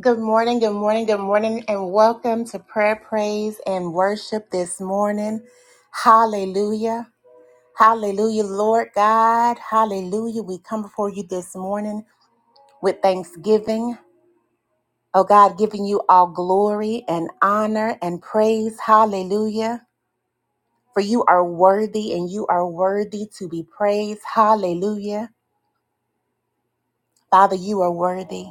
Good morning, good morning, good morning, and welcome to prayer, praise, and worship this morning. Hallelujah. Hallelujah, Lord God. Hallelujah. We come before you this morning with thanksgiving. Oh God, giving you all glory and honor and praise. Hallelujah. For you are worthy and you are worthy to be praised. Hallelujah. Father, you are worthy.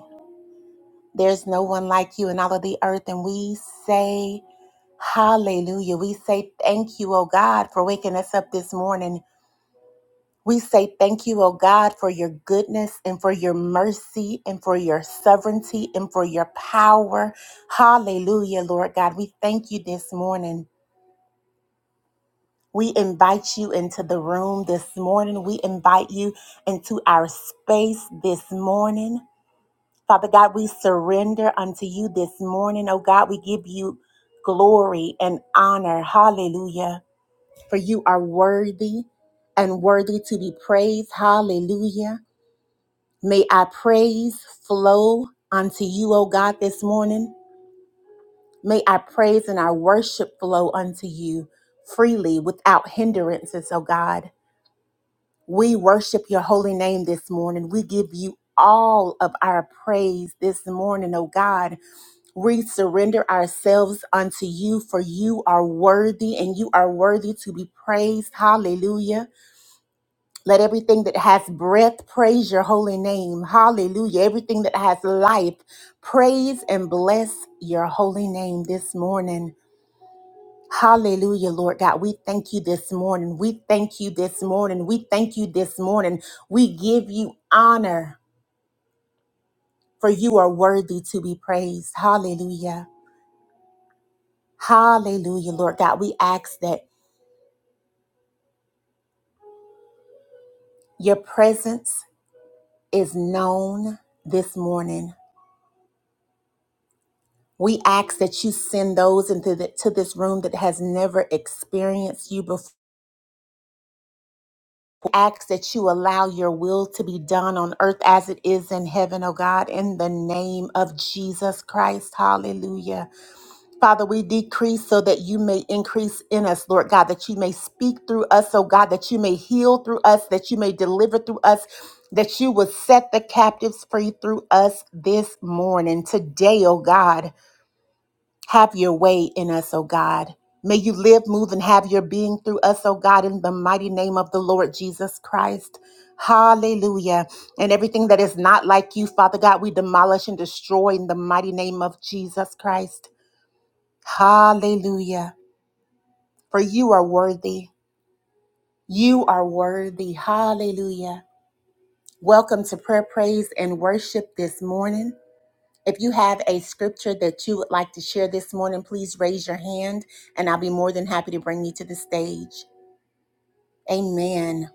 There's no one like you in all of the earth, and we say, Hallelujah. We say thank you, oh God, for waking us up this morning. We say thank you, oh God, for your goodness and for your mercy and for your sovereignty and for your power. Hallelujah, Lord God. We thank you this morning. We invite you into the room this morning. We invite you into our space this morning. Father God, we surrender unto you this morning. Oh God, we give you glory and honor. Hallelujah. for you are worthy and worthy to be praised. Hallelujah. May our praise flow unto you, O God, this morning. May our praise and our worship flow unto you freely without hindrances, O God. We worship your holy name this morning. We give you all of our praise this morning, O God. We surrender ourselves unto you, for you are worthy and you are worthy to be praised. Hallelujah. Let everything that has breath praise your holy name. Hallelujah. Everything that has life, praise and bless your holy name this morning. Hallelujah, Lord God. We thank you this morning. We thank you this morning. We thank you this morning. We give you honor for you are worthy to be praised. Hallelujah. Hallelujah, Lord God. We ask that your presence is known this morning. We ask that you send those into the, to this room that has never experienced you before. We ask that you allow your will to be done on earth as it is in heaven, oh God, in the name of Jesus Christ. Hallelujah. Father, we decrease so that you may increase in us, Lord God, that you may speak through us, oh God, that you may heal through us, that you may deliver through us, that you would set the captives free through us this morning, today, oh God. Have your way in us, O God. May you live, move, and have your being through us, O God, in the mighty name of the Lord Jesus Christ. Hallelujah. And everything that is not like you, Father God, we demolish and destroy in the mighty name of Jesus Christ. Hallelujah. For you are worthy. You are worthy. Hallelujah. Welcome to prayer, praise, and worship this morning. If you have a scripture that you would like to share this morning, please raise your hand and I'll be more than happy to bring you to the stage. Amen.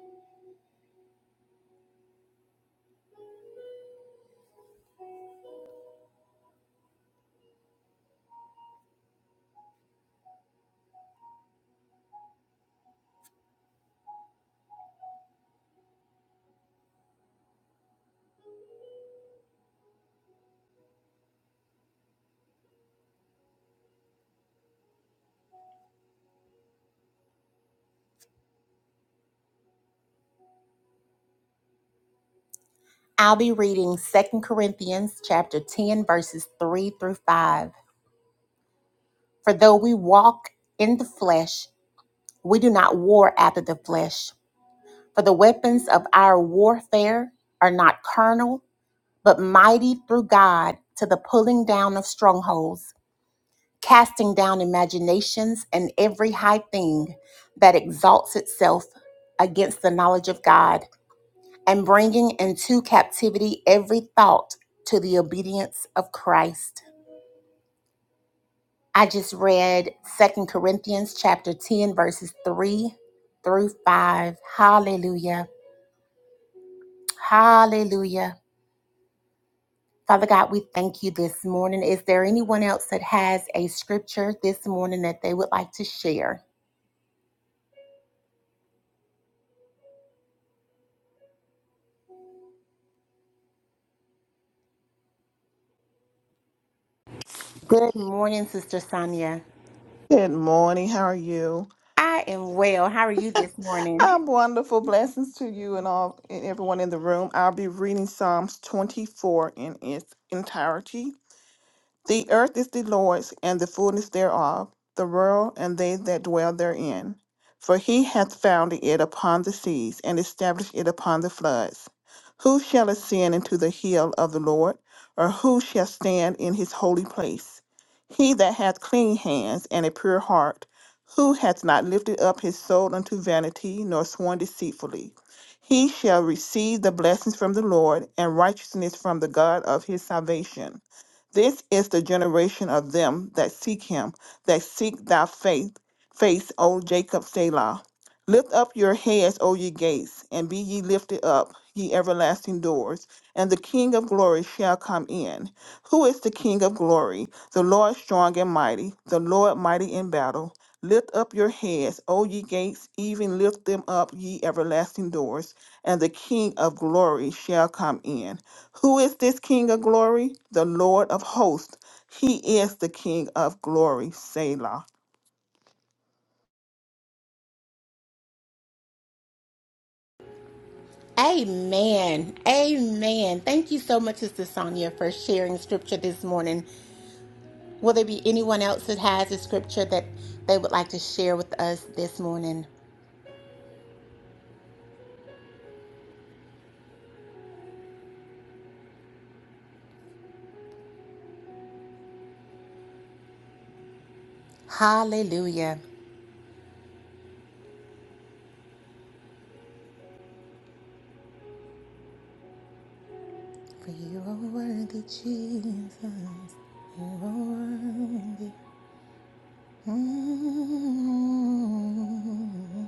I'll be reading Second Corinthians chapter 10 verses 3 through 5. For though we walk in the flesh, we do not war after the flesh. For the weapons of our warfare are not carnal, but mighty through God to the pulling down of strongholds casting down imaginations and every high thing that exalts itself against the knowledge of God, and bringing into captivity every thought to the obedience of Christ. I just read Second Corinthians chapter 10 verses 3 through 5. Hallelujah. Hallelujah. Father God, we thank you this morning. Is there anyone else that has a scripture this morning that they would like to share? Good morning, Sister Sonia. Good morning. How are you? I am well. How are you this morning? I'm wonderful. Blessings to you and all and everyone in the room. I'll be reading Psalms 24 in its entirety. The earth is the Lord's, and the fullness thereof, the world and they that dwell therein. For he hath founded it upon the seas, and established it upon the floods. Who shall ascend into the hill of the Lord, or who shall stand in his holy place? He that hath clean hands and a pure heart, who hath not lifted up his soul unto vanity, nor sworn deceitfully, he shall receive the blessings from the Lord, and righteousness from the God of his salvation. This is the generation of them that seek him, that seek thy faith, face, O Jacob Selah. Lift up your heads, O ye gates, and be ye lifted up, ye everlasting doors, and the King of glory shall come in. Who is the King of glory? The Lord strong and mighty, the Lord mighty in battle. Lift up your heads, O ye gates, even lift them up, ye everlasting doors, and the King of glory shall come in. Who is this King of glory? The Lord of hosts. He is the King of glory. Selah. Amen. Amen. Thank you so much, Sister Sonia, for sharing scripture this morning. Will there be anyone else that has a scripture that they would like to share with us this morning? Hallelujah. For you are worthy, Jesus. You are worthy. Mm.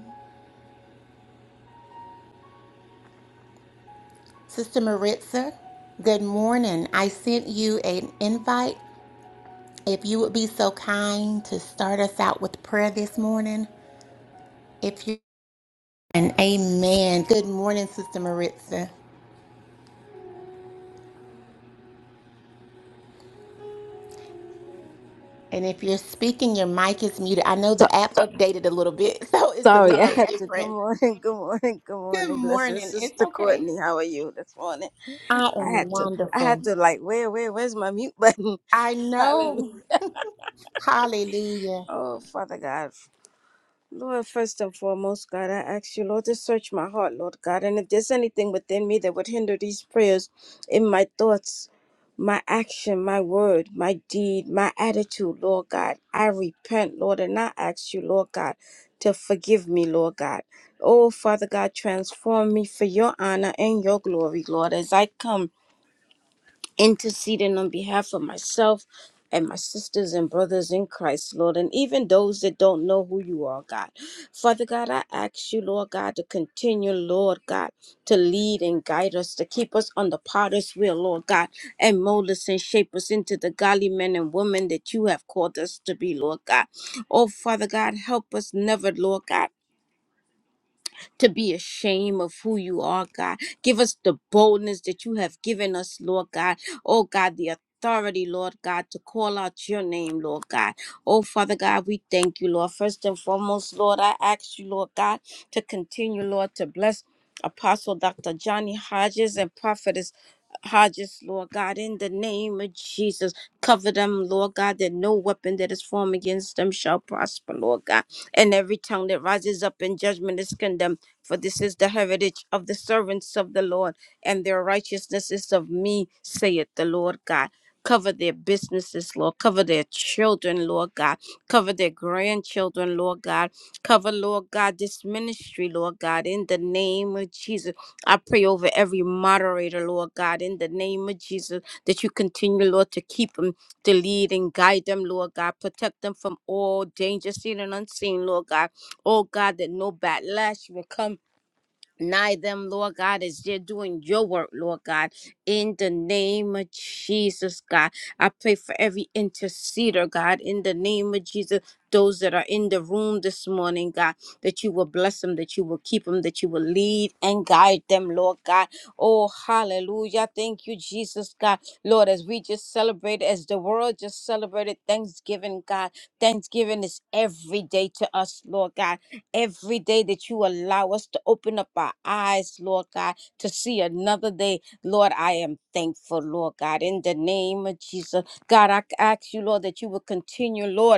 Sister Maritza, good morning. I sent you an invite. If you would be so kind to start us out with prayer this morning, if you and amen. Good morning, Sister Maritza. And if you're speaking, your mic is muted. I know So, the app updated a little bit, so it's a little sorry, I Sorry. had bit to. Good different. morning, good morning, good Good morning. Blessed morning. It's sister okay. Courtney, how are you this morning? I I had am to. I wonderful. had to like, where, where, where's my mute button? I Hallelujah. know. Hallelujah. Oh, Father God. Lord, first and foremost, God, I ask you, Lord, to search my heart, Lord God. And if there's anything within me that would hinder these prayers in my thoughts, my action, my word, my deed, my attitude, Lord God, I repent, Lord, and I ask you, Lord God, to forgive me, Lord God. Oh, Father God, transform me for your honor and your glory, Lord, as I come interceding on behalf of myself and my sisters and brothers in Christ, Lord, and even those that don't know who you are, God. Father God, I ask you, Lord God, to continue, Lord God, to lead and guide us, to keep us on the potter's wheel, Lord God, and mold us and shape us into the godly men and women that you have called us to be, Lord God. Oh, Father God, help us never, Lord God to be ashamed of who you are, God. Give us the boldness that you have given us, Lord God. Oh, God, the authority, Lord God, to call out your name, Lord God. Oh, Father God, we thank you, Lord. First and foremost, Lord, I ask you, Lord God, to continue, Lord, to bless Apostle Dr. Johnny Hodges and Prophetess. Hodges, Lord God, in the name of Jesus, cover them, Lord God, that no weapon that is formed against them shall prosper, Lord God, and every tongue that rises up in judgment is condemned. For this is the heritage of the servants of the Lord, and their righteousness is of me, saith the Lord God. Cover their businesses, Lord. Cover their children, Lord God. Cover their grandchildren, Lord God. Cover, Lord God, this ministry, Lord God, in the name of Jesus. I pray over every moderator, Lord God, in the name of Jesus, that you continue, Lord, to keep them, to lead and guide them, Lord God. Protect them from all danger, seen and unseen, Lord God. Oh God, that no backlash will come Nigh them, Lord God, as they're doing your work, Lord God, in the name of Jesus, God. I pray for every interceder, God, in the name of Jesus. Those that are in the room this morning, God, that you will bless them, that you will keep them, that you will lead and guide them, Lord God. Oh, hallelujah. Thank you, Jesus, God. Lord, as we just celebrated, as the world just celebrated Thanksgiving, God, Thanksgiving is every day to us, Lord God every day that you allow us to open up our eyes, Lord God, to see another day. Lord, I am thankful, Lord God, in the name of Jesus. God, I ask you, Lord, that you will continue, Lord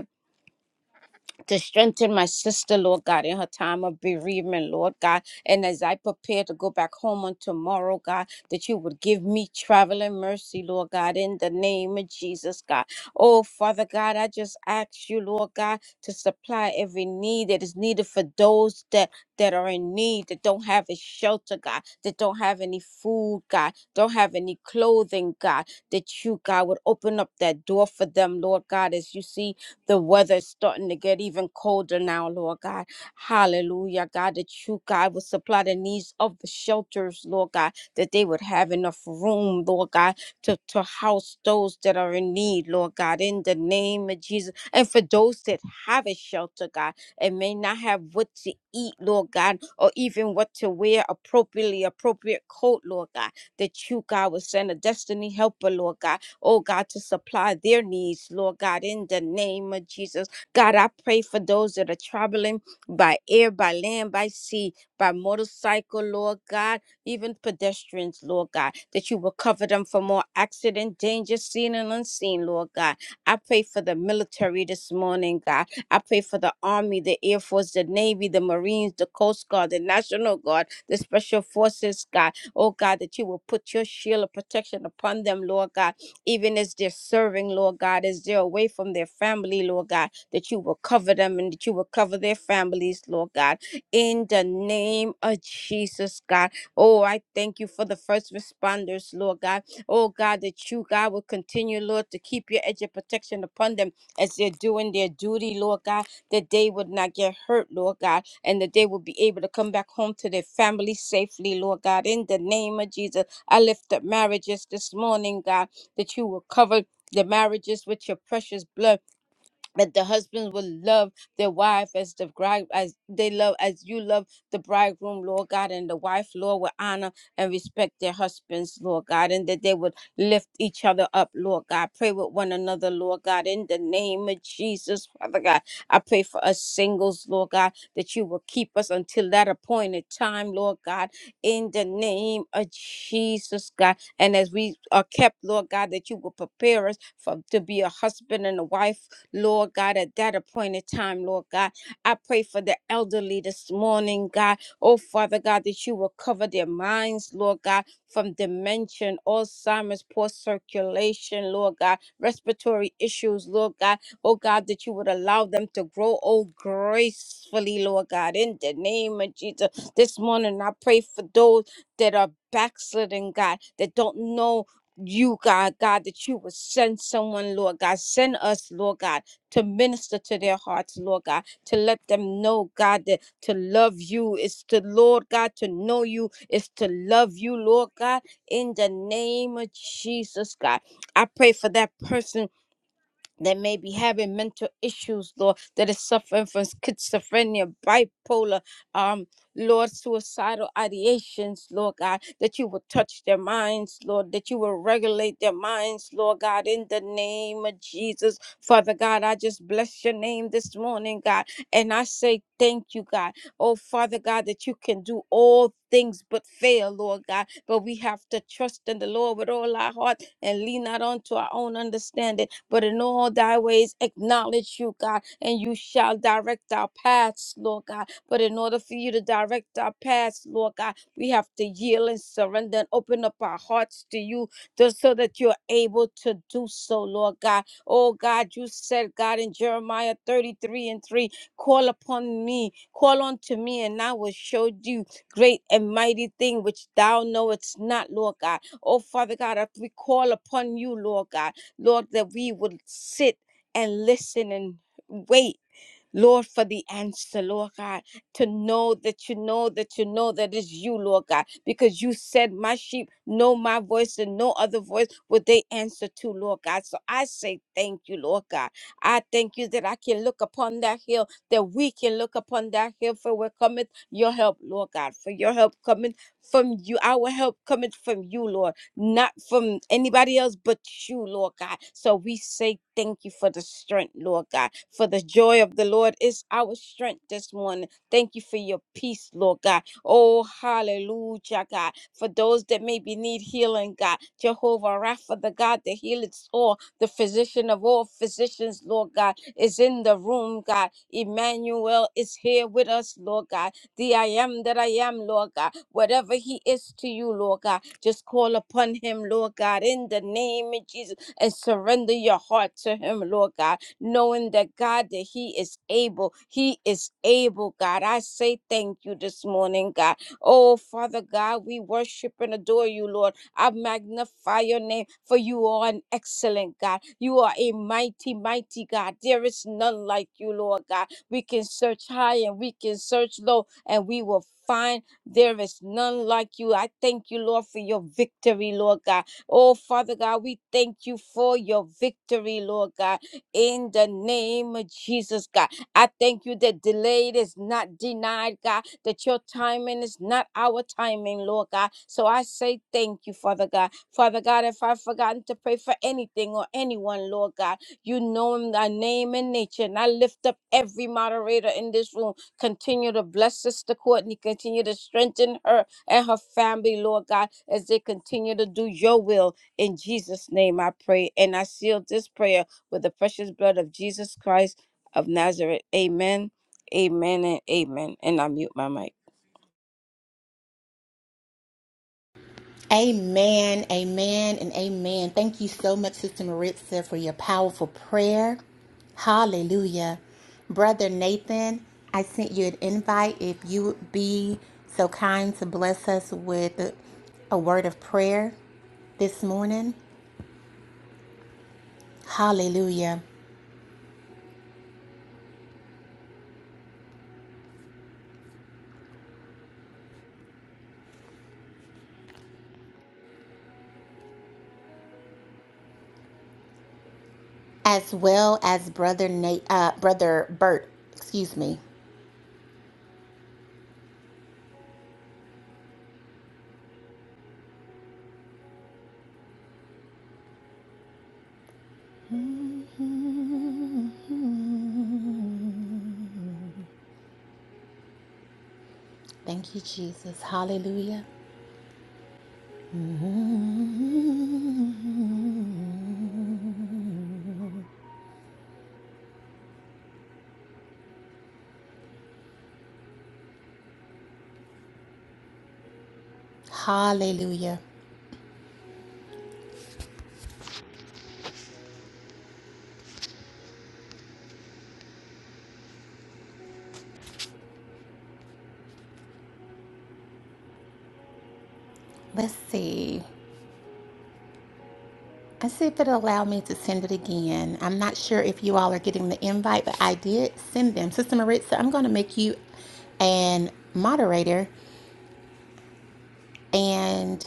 to strengthen my sister, Lord God, in her time of bereavement, Lord God. And as I prepare to go back home on tomorrow, God, that you would give me traveling mercy, Lord God, in the name of Jesus, God. Oh, Father God, I just ask you, Lord God, to supply every need that is needed for those that, that are in need, that don't have a shelter, God, that don't have any food, God, don't have any clothing, God, that you, God, would open up that door for them, Lord God, as you see the weather's starting to get even colder now, Lord God. Hallelujah, God, that you, God, would supply the needs of the shelters, Lord God, that they would have enough room, Lord God, to, to house those that are in need, Lord God, in the name of Jesus. And for those that have a shelter, God, and may not have what to eat, Lord God, or even what to wear appropriately, appropriate coat, Lord God, that you, God, would send a destiny helper, Lord God, oh God, to supply their needs, Lord God, in the name of Jesus. God, I pray for those that are traveling by air, by land, by sea, by motorcycle, Lord God, even pedestrians, Lord God, that you will cover them from all accident, danger, seen and unseen, Lord God. I pray for the military this morning, God. I pray for the Army, the Air Force, the Navy, the Marines, the Coast Guard, the National Guard, the Special Forces, God. Oh, God, that you will put your shield of protection upon them, Lord God even as they're serving, Lord God, as they're away from their family, Lord God, that you will cover them and that you will cover their families, Lord God, in the name of Jesus, God. Oh, I thank you for the first responders, Lord God. Oh, God, that you, God, will continue, Lord, to keep your edge of protection upon them as they're doing their duty, Lord God, that they would not get hurt, Lord God, and that they will be able to come back home to their family safely, Lord God, in the name of Jesus. I lift up marriages this morning, God that you will cover the marriages with your precious blood that the husbands will love their wife as the bride as they love as you love the bridegroom lord god and the wife lord will honor and respect their husbands lord god and that they would lift each other up lord god pray with one another lord god in the name of jesus father god i pray for us singles lord god that you will keep us until that appointed time lord god in the name of jesus god and as we are kept lord god that you will prepare us for to be a husband and a wife Lord God, at that appointed time, Lord God. I pray for the elderly this morning, God. Oh, Father God, that you will cover their minds, Lord God, from dementia, Alzheimer's, poor circulation, Lord God, respiratory issues, Lord God. Oh, God, that you would allow them to grow, old gracefully, Lord God. In the name of Jesus, this morning, I pray for those that are backslidden, God, that don't know you, God, God, that you would send someone, Lord God. Send us, Lord God to minister to their hearts, Lord God, to let them know, God, that to love you is to, Lord God, to know you is to love you, Lord God, in the name of Jesus, God. I pray for that person that may be having mental issues, Lord, that is suffering from schizophrenia, bipolar, um, Lord, suicidal ideations, Lord God, that you will touch their minds, Lord, that you will regulate their minds, Lord God, in the name of Jesus. Father God, I just bless your name this morning, God, and I say thank you, God. Oh, Father God, that you can do all things but fail, Lord God, but we have to trust in the Lord with all our heart and lean not onto our own understanding but in all thy ways acknowledge you, God, and you shall direct our paths, Lord God. But in order for you to direct our paths, Lord God, we have to yield and surrender and open up our hearts to you just so that you're able to do so, Lord God. Oh God, you said, God, in Jeremiah 33 and 3, call upon me, call unto me, and I will show you great and mighty thing which thou knowest not, Lord God. Oh Father God, if we call upon you, Lord God. Lord, that we would sit and listen and wait. Lord, for the answer, Lord God, to know that you know that you know that it's you, Lord God, because you said, My sheep know my voice and no other voice would they answer to, Lord God. So I say thank you, Lord God. I thank you that I can look upon that hill, that we can look upon that hill, for where cometh your help, Lord God, for your help coming from you, our help coming from you, Lord not from anybody else but you, Lord God. So we say thank you for the strength, Lord God. For the joy of the Lord is our strength this morning. Thank you for your peace, Lord God. Oh, hallelujah, God. For those that maybe need healing, God. Jehovah Rapha, the God that heals all, the physician of all physicians, Lord God, is in the room, God. Emmanuel is here with us, Lord God the I am that I am, Lord God. Whatever He is to you, Lord God, just call upon Him, Lord God, in the name of Jesus and surrender your heart to Him, Lord God, knowing that God, that He is able. He is able, God. I say thank you this morning, God. Oh, Father God, we worship and adore you, Lord. I magnify your name, for you are an excellent God. You are a mighty, mighty God. There is none like you, Lord God. We can search high and we can search low and we will find there is none like you. I thank you, Lord, for your victory, Lord God. Oh, Father God, we thank you for your victory, Lord God, in the name of Jesus, God. I thank you that delayed is not denied, God, that your timing is not our timing, Lord God. So I say thank you, Father God. Father God, if I've forgotten to pray for anything or anyone, Lord God, you know my name and nature. And I lift up every moderator in this room Continue to bless Sister Courtney. Continue to strengthen her and her family, Lord God, as they continue to do your will. In Jesus' name I pray. And I seal this prayer with the precious blood of Jesus Christ of Nazareth. Amen. Amen and amen. And I mute my mic. Amen, amen, and amen. Thank you so much, Sister Maritza, for your powerful prayer. Hallelujah. Brother Nathan, I sent you an invite. If you would be so kind to bless us with a word of prayer this morning. Hallelujah. As well as Brother Nate, uh, Brother Bert, excuse me. Thank you, Jesus. Hallelujah. Hallelujah. Let's see. Let's see if it'll allow me to send it again. I'm not sure if you all are getting the invite, but I did send them. Sister Maritza, I'm going to make you an moderator. And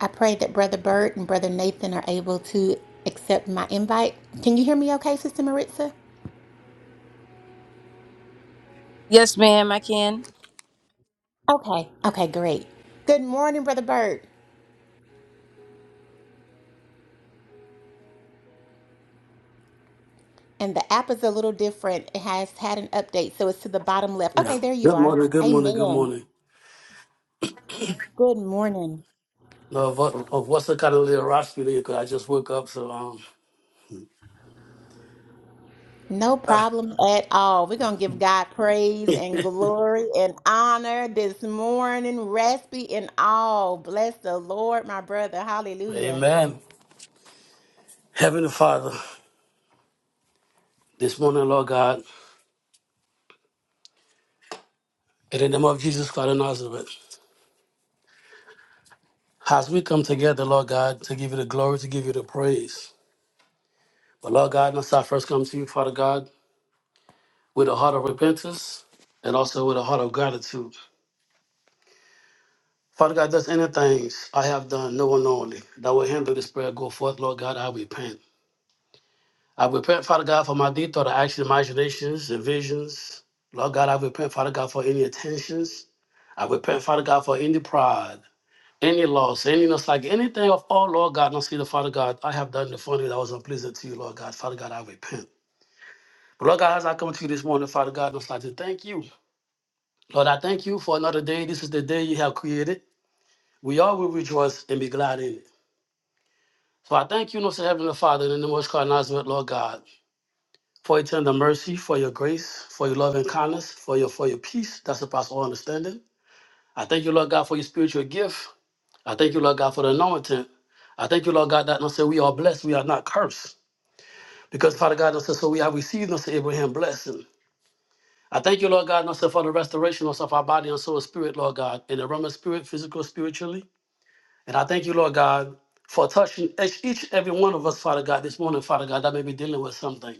I pray that Brother Bert and Brother Nathan are able to accept my invite. Can you hear me okay, Sister Maritza? Yes, ma'am, I can. Okay. Okay, great. Good morning, Brother Bert. And the app is a little different. It has had an update, so it's to the bottom left. Okay, Yeah. there you Good are. morning, good morning, good Amen. morning. Good morning. No, of, what- of what's the kind of literosity there? Because I just woke up, so No um. problem at all. We're going to give God praise and glory and honor this morning. Rest be in all. Bless the Lord, my brother. Hallelujah. Amen. Heavenly Father, this morning, Lord God, in the name of Jesus Christ of Nazareth, as we come together, Lord God, to give you the glory, to give you the praise. But Lord God, must I first come to you, Father God, with a heart of repentance and also with a heart of gratitude. Father God, there's any things I have done, no one only, that will hinder this prayer go forth, Lord God, I repent. I repent, Father God, for my deed, thought, actions, imaginations, and visions. Lord God, I repent, Father God, for any attentions. I repent, Father God, for any pride, any loss, any nostalgia, anything of all, Lord God, not see the Father God. I have done the funny that was unpleasant to you, Lord God. Father God, I repent. But Lord God, as I come to you this morning, Father God, I would like to thank you. Lord, I thank you for another day. This is the day you have created. We all will rejoice and be glad in it. So I thank you, Lord, Heavenly Father, in the most God, Nazareth, Lord God. for your tender mercy, for your grace, for your love and kindness, for your for your peace that surpasses all understanding. I thank you, Lord God, for your spiritual gift. I thank you, Lord God, for the anointing. I thank you, Lord God, that no say we are blessed, we are not cursed. Because Father God, said so we have received unto Abraham blessing. I thank you, Lord God, and said for the restoration no say, of our body and soul and spirit, Lord God, in the realm of spirit, physical, spiritually. And I thank you, Lord God, for touching each each every one of us, Father God, this morning, Father God, that may be dealing with something.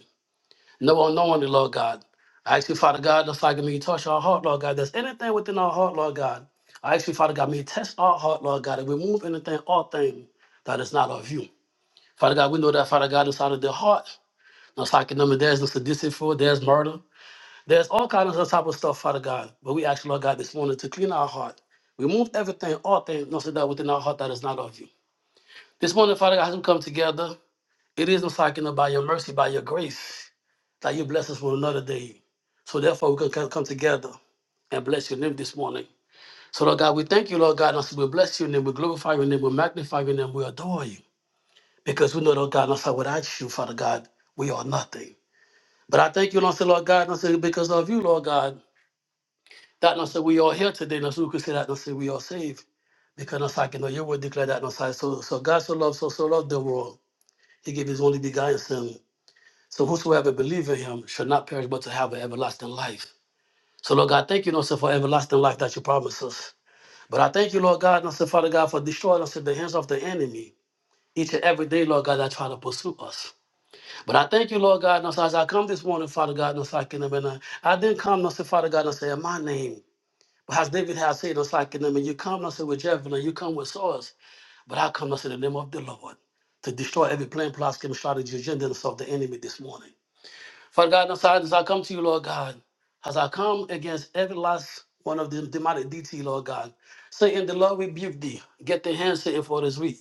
No one, no one, Lord God. I ask you, Father God, just like me, you touch our heart, Lord God. There's anything within our heart, Lord God. I ask you, Father God, may you test our heart, Lord God, and remove anything, all thing that is not of you. Father God, we know that, Father God, inside of their heart, just like number, there's the sadistic for, there's murder, there's all kinds of type of stuff, Father God. But we ask you, Lord God, this morning to clean our heart, remove everything, all things, not that within our heart that is not of you. This morning, Father God, as we come together, it is I'm talking about your mercy, by your grace, that you bless us with another day. So therefore, we can come come together and bless your name this morning. So, Lord God, we thank you, Lord God. And so we bless your name, we glorify your name, we magnify your name, we adore you. Because we know, Lord God, and so without you, Father God, we are nothing. But I thank you, Lord, so, Lord God, and so because of you, Lord God, that and so we are here today, and so we can say that and so we are saved. Because and so I can know your word declare that and so, so so God so loved, so so loved the world. He gave his only begotten son So whosoever believe in him shall not perish but to have an everlasting life. So Lord God, thank you, Lord, sir, for everlasting life that you promised us. But I thank you, Lord God, and sir, Father God, for destroying us in the hands of the enemy each and every day, Lord God, that try to pursue us. But I thank you, Lord God, and sir, as I come this morning, Father God, and sir, I can and I I didn't come, and sir, Father God, and say in my name. But as David has said, and sir, I can and you come, and sir, with javelin, you come with swords. But I come, and sir, in the name of the Lord to destroy every plan, plot, scheme, strategy, agenda of the enemy this morning. Father God, as I, as I come to you, Lord God, as I come against every last one of them demonic DT, Lord God, Satan, the Lord rebuke thee. Get the hand, Satan, for this week.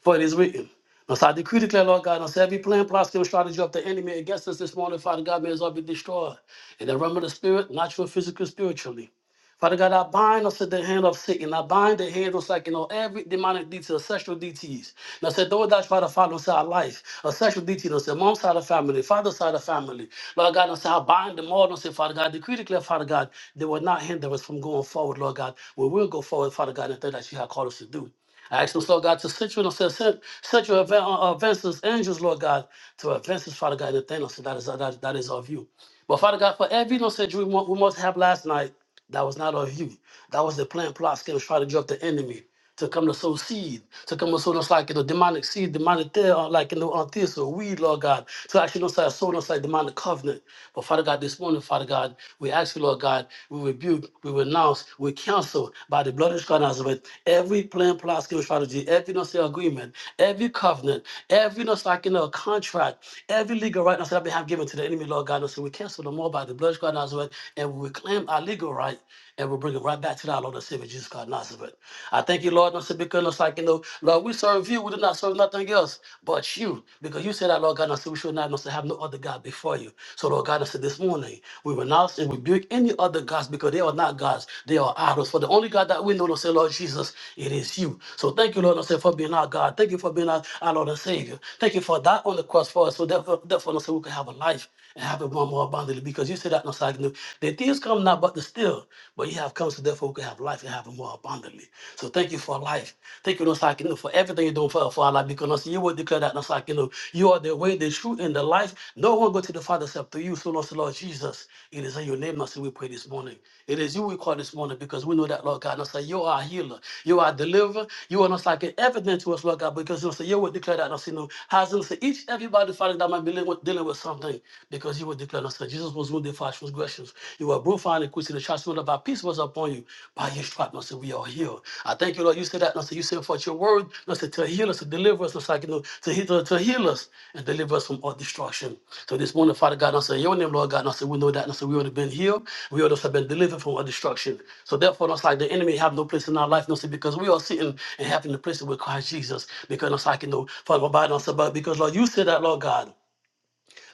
For it is written. Thus I decree, declare, Lord God, unto every plan, plot, scheme, strategy of the enemy against us this morning, Father God, may it all be destroyed. In the realm of the spirit, natural, physical, spiritually. Father God, I bind us to the hand of Satan. I bind the hand of Satan on every demonic detail, sexual deities. Now, say, those that try to follow us our life, a sexual DT, now, say, mom's side of family, father's side of family. Lord God, now, say, I bind them all. Now, say, Father God, decree, declare, Father God, they will not hinder us from going forward, Lord God. We will go forward, Father God, and that you have called us to do. I ask us, Lord God, to set you in a set, set set your event, uh, events as angels, Lord God, to advance us, Father God, the thing us that is, that, that is of you. But Father God, for every innocent dream we we must have last night, that was not of you. That was the plan, plot, scheme, strategy of the enemy to come to sow seed, to come to sow us like you know, demonic seed, demonic there, uh, like you know, on this or weed, Lord God, to actually know like sow us like demonic covenant. But Father God, this morning, Father God, we ask you, Lord God, we rebuke, we renounce, we cancel by the blood of God Nazareth every plan, plot, scheme, strategy, every no say agreement, every covenant, every no like you know, contract, every legal right now that we have given to the enemy, Lord God. Lord God. And so we cancel them all by the blood of God Nazareth, and we reclaim our legal right, and we bring it right back to our Lord and Savior Jesus God Nazareth. I thank you, Lord, and so because it's like you know, Lord, we serve you. We do not serve nothing else but you, because you said that, Lord God, and so we should not must have no other God before you. So, Lord God, I said, this morning we renounce and rebuke any other gods because they are not gods; they are idols. For the only God that we know, Lord, say, Lord Jesus, it is you. So, thank you, Lord, and say for being our God. Thank you for being our, our Lord and Savior. Thank you for that on the cross for us. So therefore, therefore, Lord, so we can have a life life and have it one more abundantly because you said that no second. The things come not but to still, but you have come so therefore we can have life and have it more abundantly. So thank you for life. Thank you, no second, for everything you're doing for, for our life because Lord, you will declare that no second. You are the way, the truth, and the life. No one go to the Father except through you. So no, so Lord Jesus, it is in your name, Lord, so we pray this morning. It is you we call this morning because we know that, Lord God, no, so you are a healer. You are a deliverer. You are not like everything to us, Lord God, because Lord, so you will declare that, Lord, so, you know, has unto each everybody, Father, that might believe dealing with something because he was declaring us that Jesus was wounded for our transgressions. You were broken for our iniquities, and acquitted. The chastisement of our peace was upon you. By your stripes, Lord, we are healed. I thank you, Lord. You said that, Lord, said, you sent forth your word, Lord, to heal us, to deliver us, Lord, said, you know, to, heal, to, to heal us and deliver us from all destruction. So this morning, Father God, Lord, said, in your name, Lord God, Lord, said, we know that, Lord, said, we would have been healed. We would have been delivered from all destruction. So therefore, Lord, said, the enemy have no place in our life, Lord, because we are sitting and having the place with Christ Jesus. Because, Lord, said, I can know, Father, God. Lord, said, but because, Lord, you said that, Lord God.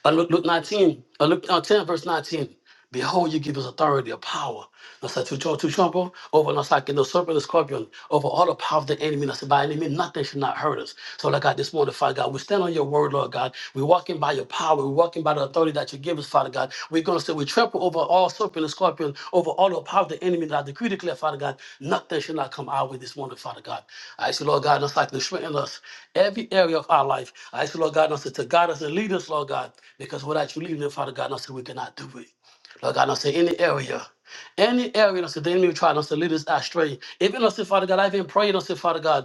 Uh, Luke, Luke 19, uh, Luke uh, 10, verse 19. Behold, you give us authority of power. I said to Joel, to trample over and like in the serpent the scorpion, over all the power of the enemy. And I said, by enemy, nothing should not hurt us. So, Lord God, this morning, Father God, we stand on your word, Lord God. We're walking by your power. We're walking by the authority that you give us neighbors, Father God. We're going to say we trample over all serpent and scorpion, over all the power of the enemy that I decree declare, Father God. Nothing shall not come our way this morning, Father God. I ask you, Lord God, just like to strengthen us every area of our life. I ask you, Lord God, us to guide us and lead us, Lord God, because without you leading us, Father God, us we cannot do it. Lord God, us say any area. Any area, us the enemy trying us to lead us astray. Even us, Father God, I've been praying, us, Father God.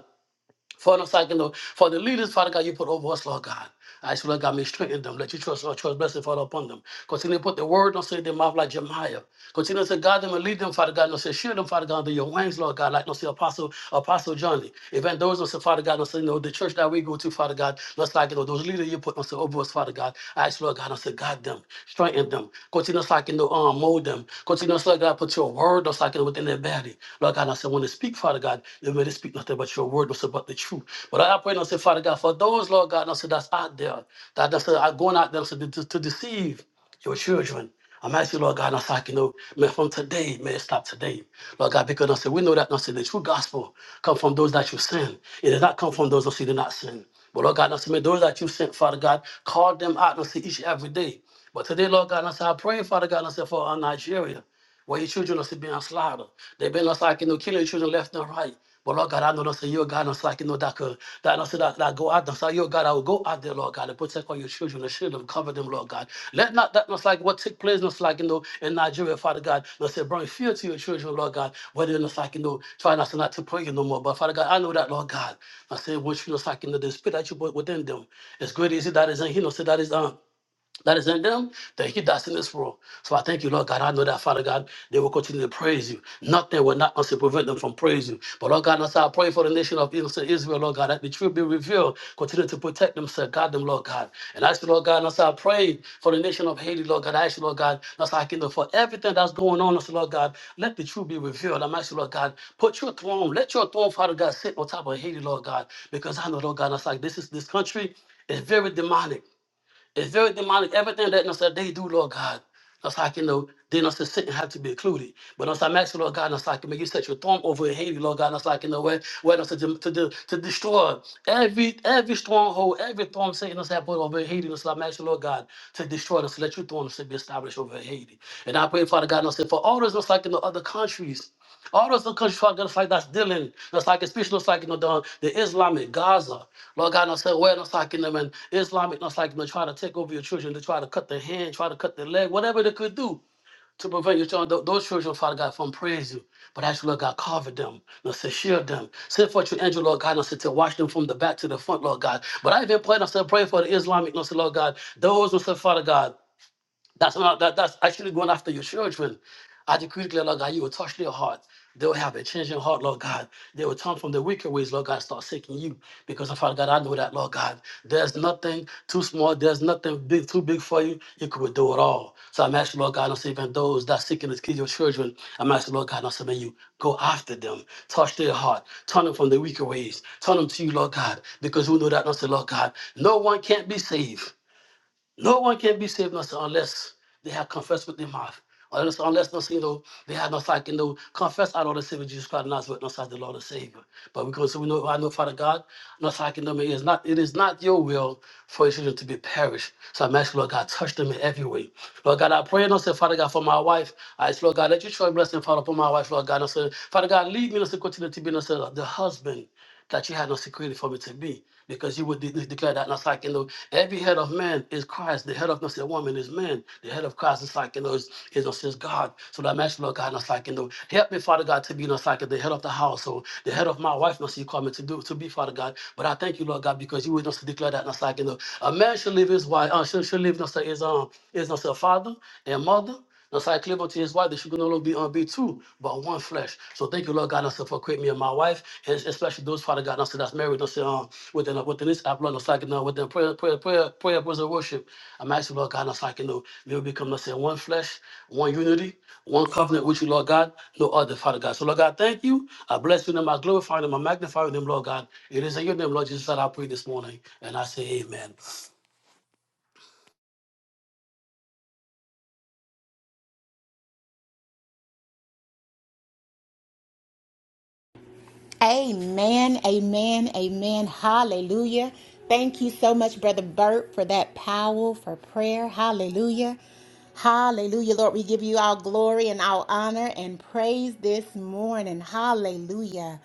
For the second, Lord. for the leaders, Father God, you put over us, Lord God. I ask you, Lord God, may strengthen them. Let you trust, Lord, trust blessing fall upon them. Continue to put the word on say their mouth like Jeremiah. Continue to guide them and lead them, Father God. No, say, shield them, Father God, under your wings, Lord God. Like, no, say, Apostle, Apostle Johnny. Even those, no, say, Father God, no, say, no, the church that we go to, Father God, let's like, you know, those leaders you put, no, say, over us, Father God. I ask, Lord God, no, say, guide them, strengthen them. Continue, so I can, no, um, mold them. Continue, so God, put your word, no, so I can, within their body. Lord God, no, say, when they speak, Father God, they really speak nothing but your word, no, say, but the truth. But I pray, no, say, Father God, for those, Lord God, no, say, that's out there, that, that's are going out there, no, say, to, to deceive your children. I'm asking, Lord God, now so I can know, man, from today, may it stop today. Lord God, because I said, we know that, I said, the true gospel come from those that you send. It does not come from those that see do not sin. But Lord God, I said, may those that you sent, Father God, call them out, and see each and every day. But today, Lord God, and I said, I pray, Father God, and I said, for uh, Nigeria. Why your children are still being slaughtered. They've been us like you know, killing your children left and right. But Lord God, I know that that's your God, and it's like you know that could that I said that, that go out there. So your God, I will go out there, Lord God, and protect all your children and shield them, cover them, Lord God. Let not that not like what took place, not like you know in Nigeria, Father God. Not say bring fear to your children, Lord God. Whether it's like you know, try not to not to pray you no more. But Father God, I know that, Lord God. I say what you know, like you know, the spirit that you put within them. It's great is it that is in him, so that is um that is in them, that he does in this world. So I thank you, Lord God. I know that, Father God, they will continue to praise you. Nothing will not also prevent them from praising you. But Lord God, as I pray for the nation of innocent Israel, Lord God, that the truth be revealed. Continue to protect them, sir. God them, Lord God. And I ask you, Lord God, as I pray for the nation of Haiti, Lord God, I ask you, Lord God, as I kingdom for everything that's going on, also, Lord God, let the truth be revealed. I'm asking, Lord God, put your throne, let your throne, Father God, sit on top of Haiti, Lord God, because I know, Lord God, that's like this is this country. It's very demonic. It's very demonic. Everything that you know, so they do, Lord God. That's how I can know. Then us to sit and have to be included. But us, I'm asking, Lord God, that's how I can make you set your throne over in Haiti, Lord God. That's how I can know where, where us to, dem- to, de- to destroy every every stronghold, every throne Satan us have put over in Haiti. That's why I'm asking, Lord God, to destroy us, let your throne us to be established over in Haiti. And I pray, Father God, and I said, for all those us like in the other countries all those constructions like that's dealing, just like especially just like you know the, the Islamic Gaza. Lord God, I said, well, not like in them and Islamic, not like you know try to take over your children, to try to cut their hand, try to cut their leg, whatever they could do to prevent your children, tho- those children, Father God, from praise you. But actually, Lord God, cover them, Lord, say, shield them. Send forth your angel, Lord God, and say, to watch them from the back to the front, Lord God. But I even pray, and I said, pray for the Islamic, Lord, say, Lord God, those, Lord, said, Father God. That's not that, that's actually going after your children. I decree, declare, Lord God, you will touch their heart. They will have a changing heart, Lord God. They will turn from their wicked ways, Lord God, and start seeking you. Because, Father God, I know that, Lord God, there's nothing too small, there's nothing big, too big for you. You could do it all. So I'm asking, Lord God, I'm saving those that seeking to kill your children. I'm asking, Lord God, I'm saving you. Go after them. Touch their heart. Turn them from their wicked ways. Turn them to you, Lord God. Because we know that, I say, Lord God, no one can't be saved. No one can be saved unless, they have confessed with their mouth. Unless, unless no, you know, they have no. like, you know, confess our Lord and Savior Jesus Christ, not with us as the Lord and Savior. But because we know, I know, Father God, no, like, you know, it is not, it is not your will for your children to be perished. So I'm asking, Lord God, touch them in every way. Lord God, I pray, and I say, Father God, for my wife. I ask, Lord God, let your choice blessing fall upon my wife, Lord God. And I say, Father God, lead me, and I say, continue to be, and I say, the husband that you had no security for me to be, because you would de- de- declare that. And it's like, you know, every head of man is Christ, the head of not say woman is man, the head of Christ is like, you know, is, is, is, God. So that match, Lord God, and it's like, you know, help me, Father God, to be, you know, it's like the head of the household, the head of my wife, must you call me to do, to be, Father God. But I thank you, Lord God, because you would not declare that. And it's like, you know, a man should leave his wife, uh, should, should leave, not say his, um, his, not say father and mother. Just like Cleopa to his wife, they should no longer be on B two, but one flesh. So thank you, Lord God, and for creating me and my wife, and especially those Father God, and that's married, and say, um, within uh, within this app, Lord, just like you know, within prayer, prayer, prayer, prayer, praise and worship. I'm asking Lord God, and like you know, may we become let's say one flesh, one unity, one covenant with you, Lord God, no other Father God. So Lord God, thank you. I bless you, and I glorify you, and I magnify you, Lord God. It is in your name, Lord Jesus, that I pray this morning, and I say Amen. Amen, amen, amen. Hallelujah. Thank you so much, Brother Burt, for that power for prayer. Hallelujah. Hallelujah. Lord, we give you all glory and all honor and praise this morning. Hallelujah.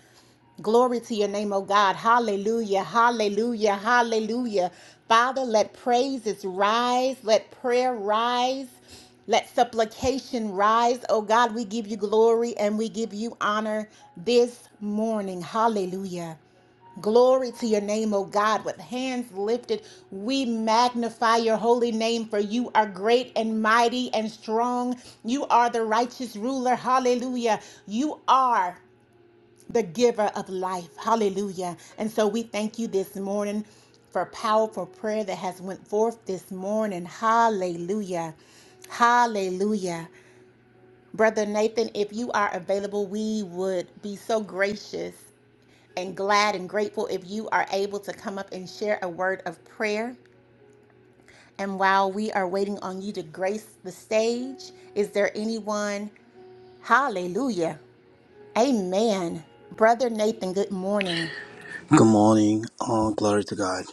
Glory to your name, oh God. Hallelujah, hallelujah, hallelujah. Father, let praises rise, let prayer rise, let supplication rise. Oh God, we give you glory and we give you honor this morning. Hallelujah. Glory to your name, O God. With hands lifted, we magnify your holy name, for you are great and mighty and strong. You are the righteous ruler. Hallelujah. You are the giver of life. Hallelujah. And so we thank you this morning for powerful prayer that has went forth this morning. Hallelujah. Hallelujah. Brother Nathan, if you are available, we would be so gracious and glad and grateful if you are able to come up and share a word of prayer. And while we are waiting on you to grace the stage, is there anyone? Hallelujah. Amen. Brother Nathan, good morning. Good morning. Oh, glory to God.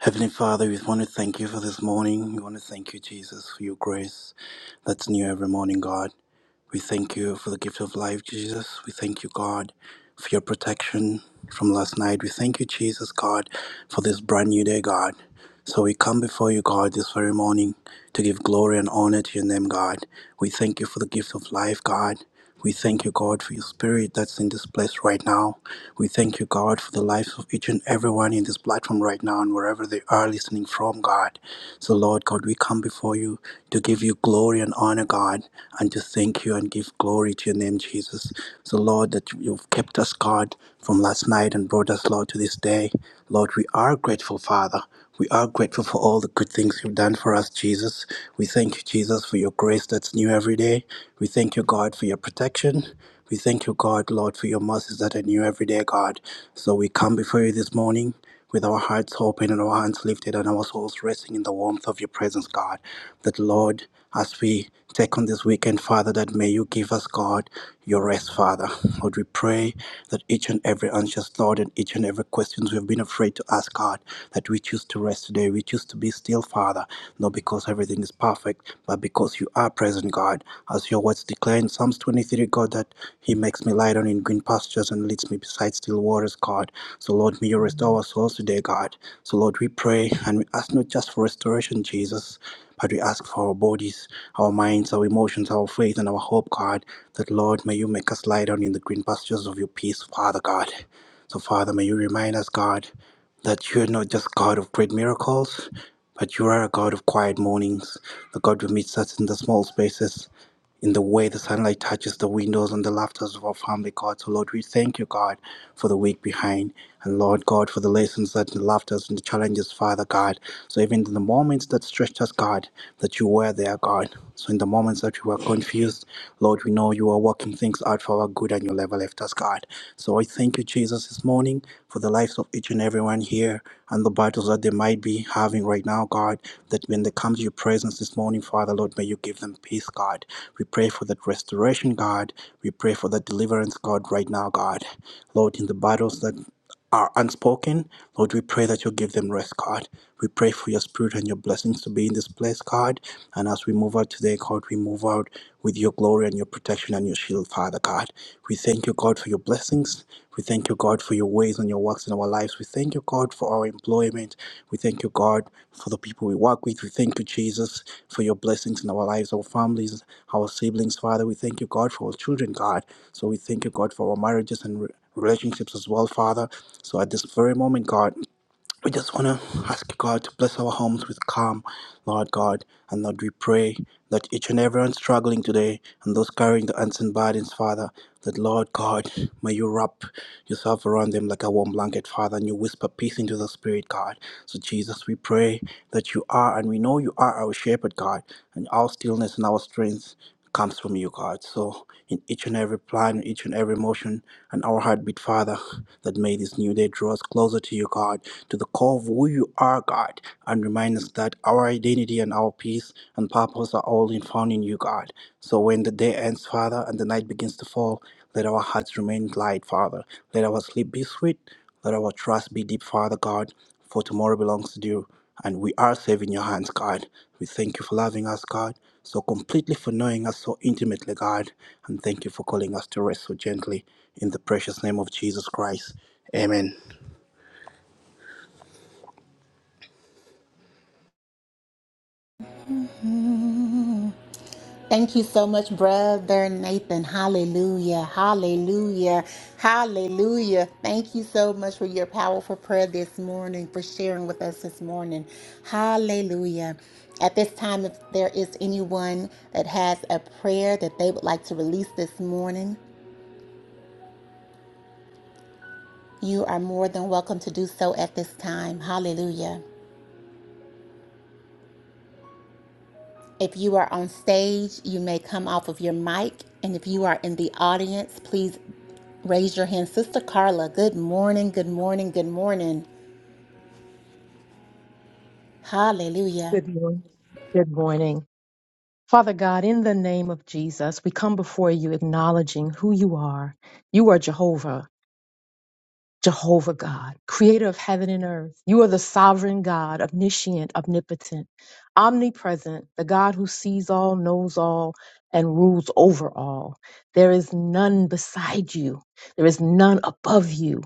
Heavenly Father, we want to thank you for this morning. We want to thank you, Jesus, for your grace that's new every morning, God. We thank you for the gift of life, Jesus. We thank you, God, for your protection from last night. We thank you, Jesus, God, for this brand new day, God. So we come before you, God, this very morning to give glory and honor to your name, God. We thank you for the gift of life, God. We thank you, God, for your spirit that's in this place right now. We thank you, God, for the lives of each and everyone in this platform right now and wherever they are listening from, God. So, Lord God, we come before you to give you glory and honor, God, and to thank you and give glory to your name, Jesus. So, Lord, that you've kept us, God, from last night and brought us, Lord, to this day. Lord, we are grateful, Father. We are grateful for all the good things you've done for us, Jesus. We thank you, Jesus, for your grace that's new every day. We thank you, God, for your protection. We thank you, God, Lord, for your mercies that are new every day, God. So we come before you this morning with our hearts open and our hands lifted and our souls resting in the warmth of your presence, God. That, Lord, as we take on this weekend, Father, that may you give us, God, your rest, Father. Lord, we pray that each and every anxious thought and each and every questions we've been afraid to ask, God, that we choose to rest today. We choose to be still, Father, not because everything is perfect, but because you are present, God. As your words declare in Psalms 23, God, that He makes me lie down in green pastures and leads me beside still waters, God. So, Lord, may you restore our souls today, God. So, Lord, we pray and we ask not just for restoration, Jesus. But we ask for our bodies, our minds, our emotions, our faith, and our hope, God, that Lord, may you make us lie down in the green pastures of your peace, Father God. So, Father, may you remind us, God, that you're not just God of great miracles, but you are a God of quiet mornings, the God who meets us in the small spaces, in the way the sunlight touches the windows and the laughter of our family, God. So, Lord, we thank you, God, for the week behind. And, Lord, God, for the lessons that the laughters and the challenges, Father, God. So, even in the moments that stretched us, God, that you were there, God. So, in the moments that we were confused, Lord, we know you are working things out for our good and you never left us, God. So I thank you, Jesus, this morning for the lives of each and everyone here and the battles that they might be having right now, God. That when they come to your presence this morning, Father, Lord, may you give them peace, God. We pray for that restoration, God. We pray for that deliverance, God, right now, God. Lord, in the battles that are unspoken, Lord, we pray that you give them rest, God. We pray for your spirit and your blessings to be in this place, God. And as we move out today, God, we move out with your glory and your protection and your shield, Father God. We thank you, God, for your blessings. We thank you, God, for your ways and your works in our lives. We thank you, God, for our employment. We thank you, God, for the people we work with. We thank you, Jesus, for your blessings in our lives, our families, our siblings, Father. We thank you, God, for our children, God. So we thank you, God, for our marriages and re- relationships as well, Father. So at this very moment, God, we just want to ask God to bless our homes with calm, Lord God. And Lord, we pray that each and everyone struggling today and those carrying the unseen burdens, Father, that Lord God, may you wrap yourself around them like a warm blanket, Father, and you whisper peace into the Spirit, God. So, Jesus, we pray that you are, and we know you are our shepherd, God, and our stillness and our strength comes from you, God. So, in each and every plan, each and every motion, and our heartbeat, Father that may this new day draw us closer to you, God, to the core of who you are, God, and remind us that our identity and our peace and purpose are all in found in you, God. So when the day ends, Father, and the night begins to fall, let our hearts remain light, Father. Let our sleep be sweet, let our trust be deep, Father God, for tomorrow belongs to you. And we are saving your hands, God. We thank you for loving us, God, so completely, for knowing us so intimately, God. And thank you for calling us to rest so gently in the precious name of Jesus Christ. Amen. Thank you so much, Brother Nathan. Hallelujah. Hallelujah. Hallelujah. Thank you so much for your powerful prayer this morning, for sharing with us this morning. Hallelujah. At this time, if there is anyone that has a prayer that they would like to release this morning, you are more than welcome to do so at this time. Hallelujah. If you are on stage, you may come off of your mic. And if you are in the audience, please raise your hand. Sister Carla, good morning, good morning, good morning. Hallelujah. Good morning. Good morning. Father God, in the name of Jesus, we come before you acknowledging who you are. You are Jehovah. Jehovah God, creator of heaven and earth. You are the sovereign God, omniscient, omnipotent, omnipresent, the God who sees all, knows all, and rules over all. There is none beside you, there is none above you.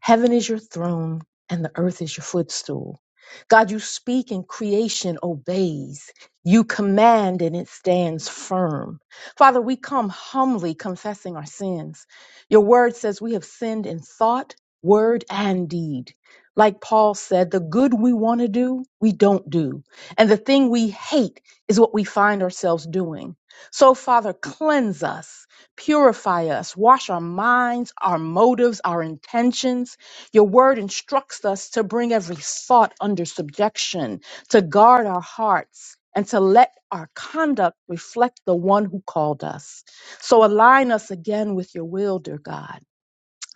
Heaven is your throne, and the earth is your footstool. God, you speak and creation obeys. You command and it stands firm. Father, we come humbly confessing our sins. Your word says we have sinned in thought word and deed. Like Paul said, the good we want to do, we don't do. And the thing we hate is what we find ourselves doing. So, Father, cleanse us, purify us, wash our minds, our motives, our intentions. Your word instructs us to bring every thought under subjection, to guard our hearts, and to let our conduct reflect the one who called us. So, align us again with your will, dear God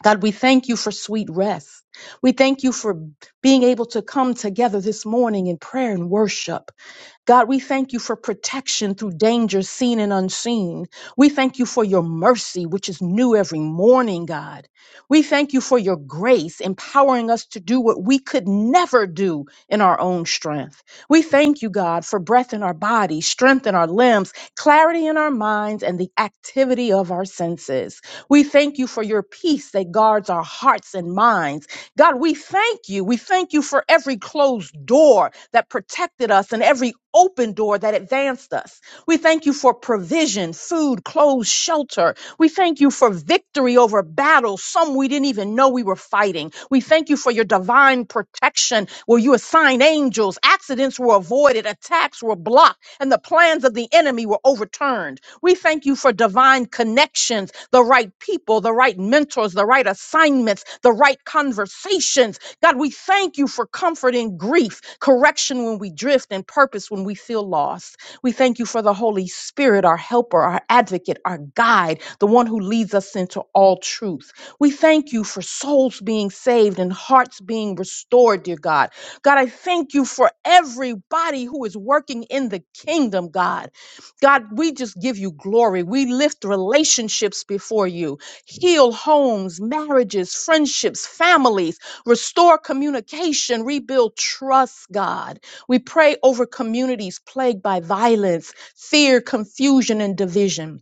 God, we thank you for sweet rest. We thank you for being able to come together this morning in prayer and worship. God, we thank you for protection through danger seen and unseen. We thank you for your mercy, which is new every morning, God. We thank you for your grace, empowering us to do what we could never do in our own strength. We thank you, God, for breath in our body, strength in our limbs, clarity in our minds, and the activity of our senses. We thank you for your peace that guards our hearts and minds God, we thank you. We thank you for every closed door that protected us and every open door that advanced us. We thank you for provision, food, clothes, shelter. We thank you for victory over battles, some we didn't even know we were fighting. We thank you for your divine protection where you assigned angels, accidents were avoided, attacks were blocked, and the plans of the enemy were overturned. We. We thank you for divine connections, the right people, the right mentors, the right assignments, the right conversations. God, we thank you for comfort in grief, correction when we drift, and purpose when we feel lost. We thank you for the Holy Spirit, our helper, our advocate, our guide, the one who leads us into all truth. We thank you for souls being saved and hearts being restored, dear God. God, I thank you for everybody who is working in the kingdom, God. God, we just give you glory. We lift relationships before you. Heal homes, marriages, friendships, families. Restore communication. Rebuild trust, God. We pray over communities plagued by violence, fear, confusion, and division.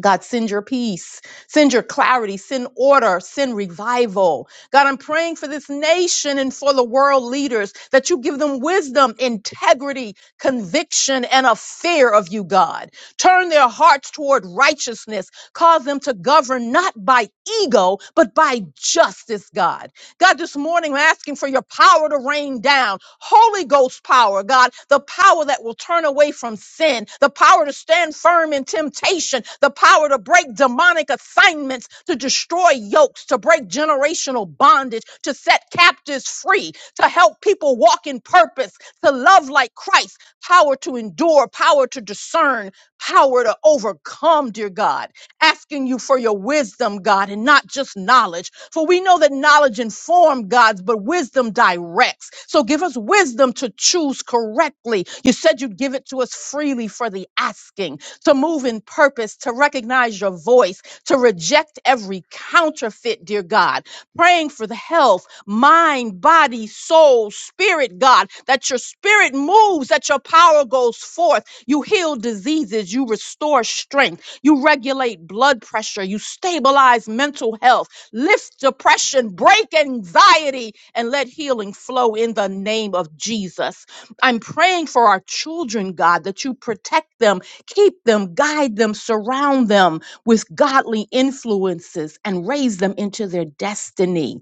God, send your peace, send your clarity, send order, send revival. God, I'm praying for this nation and for the world leaders that you give them wisdom, integrity, conviction, and a fear of you, God. Turn their hearts toward righteousness. Cause them to govern not by ego, but by justice, God. God, this morning I'm asking for your power to rain down. Holy Ghost power, God, the power that will turn away from sin, the power to stand firm in temptation, the power to break demonic assignments, to destroy yokes, to break generational bondage, to set captives free, to help people walk in purpose, to love like Christ, power to endure, power to discern, power to overcome, dear God asking you for your wisdom, God, and not just knowledge. For we know that knowledge informs God's, but wisdom directs. So give us wisdom to choose correctly. You said you'd give it to us freely for the asking, to move in purpose, to recognize your voice, to reject every counterfeit, dear God. Praying for the health, mind, body, soul, spirit, God, that your spirit moves, that your power goes forth. You heal diseases, you restore strength you regulate blood pressure. You stabilize mental health. Lift depression, break anxiety, and let healing flow in the name of Jesus. I'm praying for our children, God, that you protect them, keep them, guide them, surround them with godly influences, and raise them into their destiny.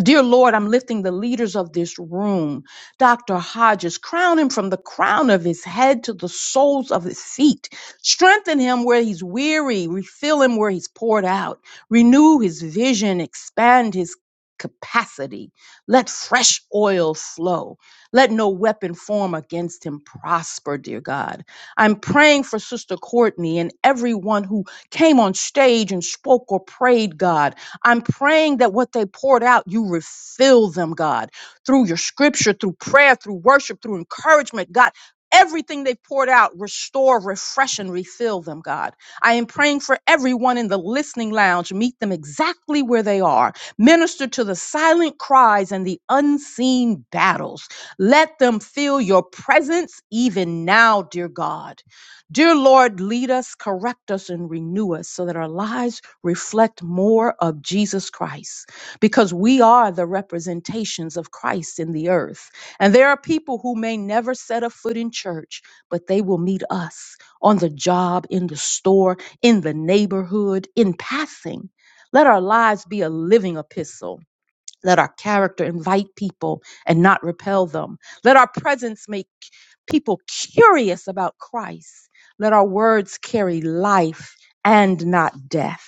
Dear Lord, I'm lifting the leaders of this room. Dr. Hodges, crown him from the crown of his head to the soles of his feet. Strengthen him where he's weary. Refill him where he's poured out. Renew his vision. Expand his capacity. Let fresh oil flow. Let no weapon form against him prosper, dear God. I'm praying for Sister Courtney and everyone who came on stage and spoke or prayed, God. I'm praying that what they poured out, you refill them, God, through your scripture, through prayer, through worship, through encouragement, God. Everything they poured out, restore, refresh, and refill them, God. I am praying for everyone in the listening lounge. Meet them exactly where they are. Minister to the silent cries and the unseen battles. Let them feel your presence even now, dear God. Dear Lord, lead us, correct us, and renew us so that our lives reflect more of Jesus Christ because we are the representations of Christ in the earth. And there are people who may never set a foot in church, but they will meet us on the job, in the store, in the neighborhood, in passing. Let our lives be a living epistle let our character invite people and not repel them. Let our presence make people curious about Christ. Let our words carry life and not death.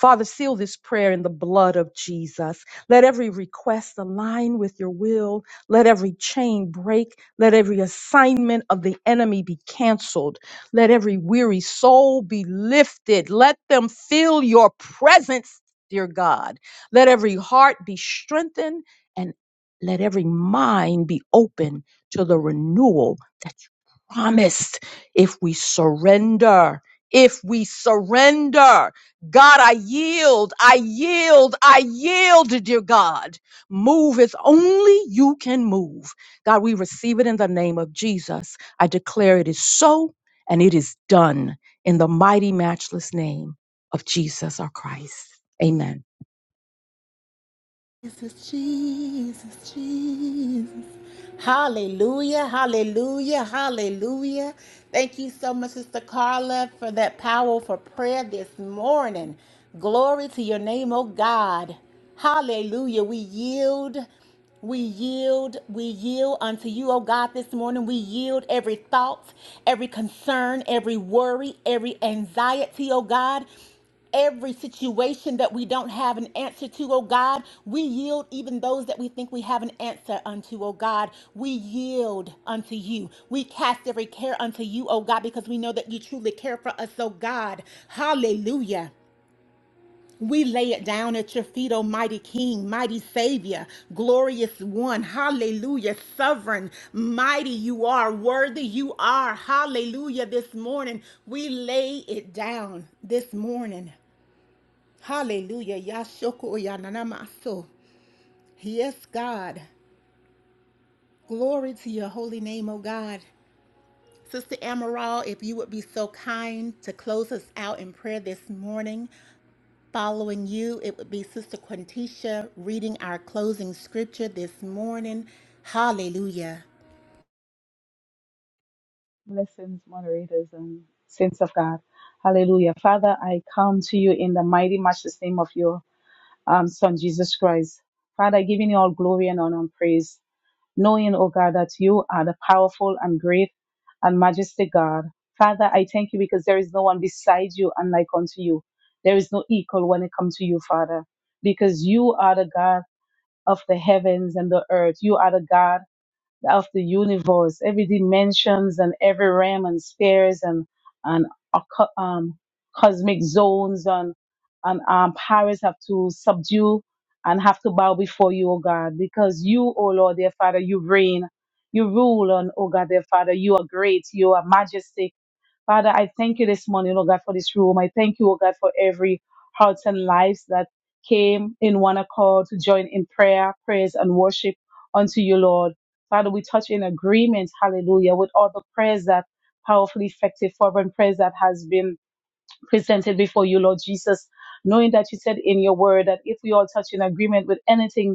Father, seal this prayer in the blood of Jesus. Let every request align with your will. Let every chain break. Let every assignment of the enemy be canceled. Let every weary soul be lifted. Let them feel your presence, dear God. Let every heart be strengthened and let every mind be open to the renewal that's promised if we surrender. If we surrender, God, I yield, I yield, I yield, dear God. Move as only you can move. God, we receive it in the name of Jesus. I declare it is so and it is done in the mighty, matchless name of Jesus our Christ. Amen. Jesus, Jesus, Jesus. Hallelujah, hallelujah, hallelujah. Thank you so much, Sister Carla, for that powerful prayer this morning. Glory to your name, oh God. Hallelujah. We yield, we yield, we yield unto you, oh God, this morning. We yield every thought, every concern, every worry, every anxiety, oh God every situation that we don't have an answer to, oh God. We yield even those that we think we have an answer unto, oh God. We yield unto you. We cast every care unto you, oh God, because we know that you truly care for us, oh God. Hallelujah. We lay it down at your feet, oh mighty King, mighty Savior, glorious one. Hallelujah. Sovereign, mighty you are, worthy you are. Hallelujah. This morning, we lay it down this morning. Hallelujah. Yashoko Yananamaso. Yes, God. Glory to your holy name, O God. Sister Amaral, if you would be so kind to close us out in prayer this morning. Following you, it would be Sister Quintisha reading our closing scripture this morning. Hallelujah. Blessings, moderators, and saints of God. Hallelujah. Father, I come to you in the mighty, matchless name of your um, Son, Jesus Christ. Father, giving you all glory and honor and praise, knowing, O God, that you are the powerful and great and majestic God. Father, I thank you because there is no one beside you and like unto you. There is no equal when it comes to you, Father, because you are the God of the heavens and the earth. You are the God of the universe, every dimensions and every realm and spheres and and a co- um, cosmic zones and and um, powers have to subdue and have to bow before you, O God, because you, O Lord, dear Father, you reign, you rule, and O God, dear Father, you are great, you are majestic Father, I thank you this morning, Lord God, for this room. I thank you, Lord God, for every hearts and lives that came in one accord to join in prayer, praise, and worship unto you, Lord. Father, we touch in agreement, hallelujah, with all the prayers that powerfully effective fervent prayers that has been presented before you, Lord Jesus, knowing that you said in your word that if we all touch in agreement with anything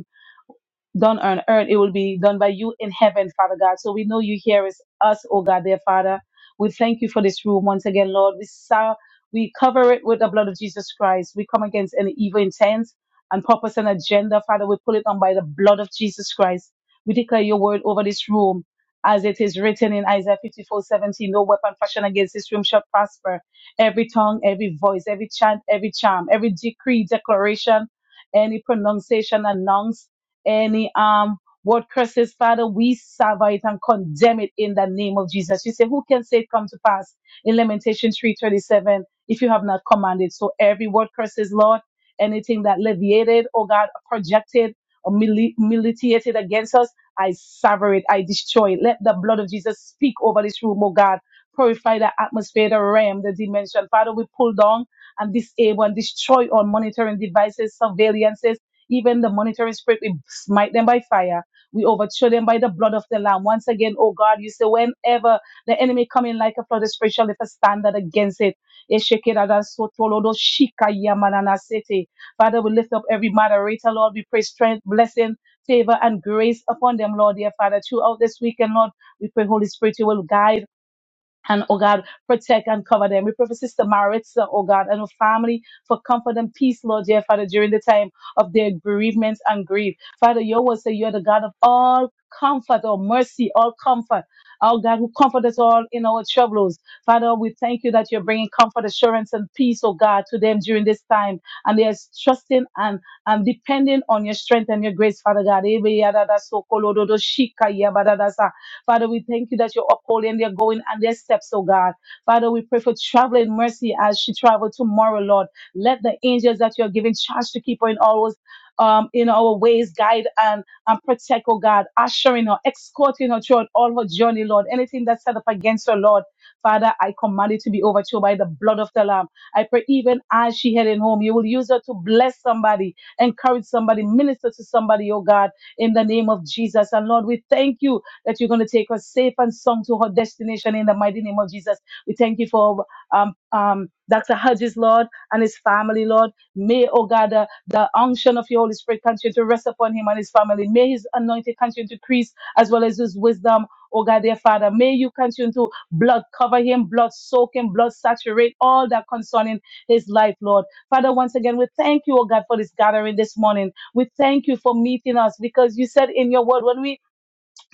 done on earth, it will be done by you in heaven, Father God. So we know you hear us, us, oh God, dear Father. We thank you for this room once again, Lord. We saw, we cover it with the blood of Jesus Christ. We come against any evil intent and purpose and agenda, Father. We pull it on by the blood of Jesus Christ. We declare your word over this room. As it is written in Isaiah 54:17. no weapon fashioned against this room shall prosper. Every tongue, every voice, every chant, every charm, every decree, declaration, any pronunciation announced any um word curses, Father, we sever it and condemn it in the name of Jesus. You say, Who can say it come to pass in Lamentation 3:37 if you have not commanded? So every word curses, Lord, anything that leviated, oh God, projected or mili- militated against us, I sever it, I destroy it. Let the blood of Jesus speak over this room, oh God. Purify the atmosphere, the realm, the dimension. Father, we pull down and disable and destroy all monitoring devices, surveillances even the monitoring spirit, we smite them by fire. We overthrow them by the blood of the Lamb. Once again, oh God, you say, whenever the enemy come in like a flood, the spirit shall lift a standard against it. Eshekiradansotolodosikayamananasete. Father, we lift up every moderator, Lord. We pray strength, blessing, favor, and grace upon them, Lord, dear Father. Throughout this weekend, Lord, we pray, Holy Spirit, you will guide. And oh God, protect and cover them. We pray for Sister Maritza, oh God, and her family for comfort and peace, Lord, dear Father, during the time of their bereavements and grief. Father, your word say you're the God of all comfort or mercy, all comfort. Our God who comfort us all in our troubles. Father, we thank you that you're bringing comfort, assurance, and peace, oh God, to them during this time. And they're trusting and, and depending on your strength and your grace, Father God. Ebe yadada sokolododo shika yabadadasa. Father, we thank you that you're upholding their going and their steps, oh God. Father, we pray for traveling mercy as she travels tomorrow, Lord. Let the angels that you're giving charge to keep her in all those um, in our ways, guide and, and protect, oh God, ushering her, escorting her throughout all her journey, Lord. Anything that's set up against her, Lord, Father, I command it to be overthrown by the blood of the Lamb. I pray even as she heading home, you will use her to bless somebody, encourage somebody, minister to somebody, oh God, in the name of Jesus. And Lord, we thank you that you're going to take us safe and sound to our destination in the mighty name of Jesus. We thank you for um, um, Dr. Hodges, Lord, and his family, Lord. May, oh God, the, the unction of your Holy Spirit continue to rest upon him and his family. May his anointing continue to increase as well as his wisdom. Oh God, dear Father, may you continue to blood cover him, blood soak him, blood saturate all that concerning his life, Lord. Father, once again, we thank you, oh God, for this gathering this morning. We thank you for meeting us because you said in your word, when we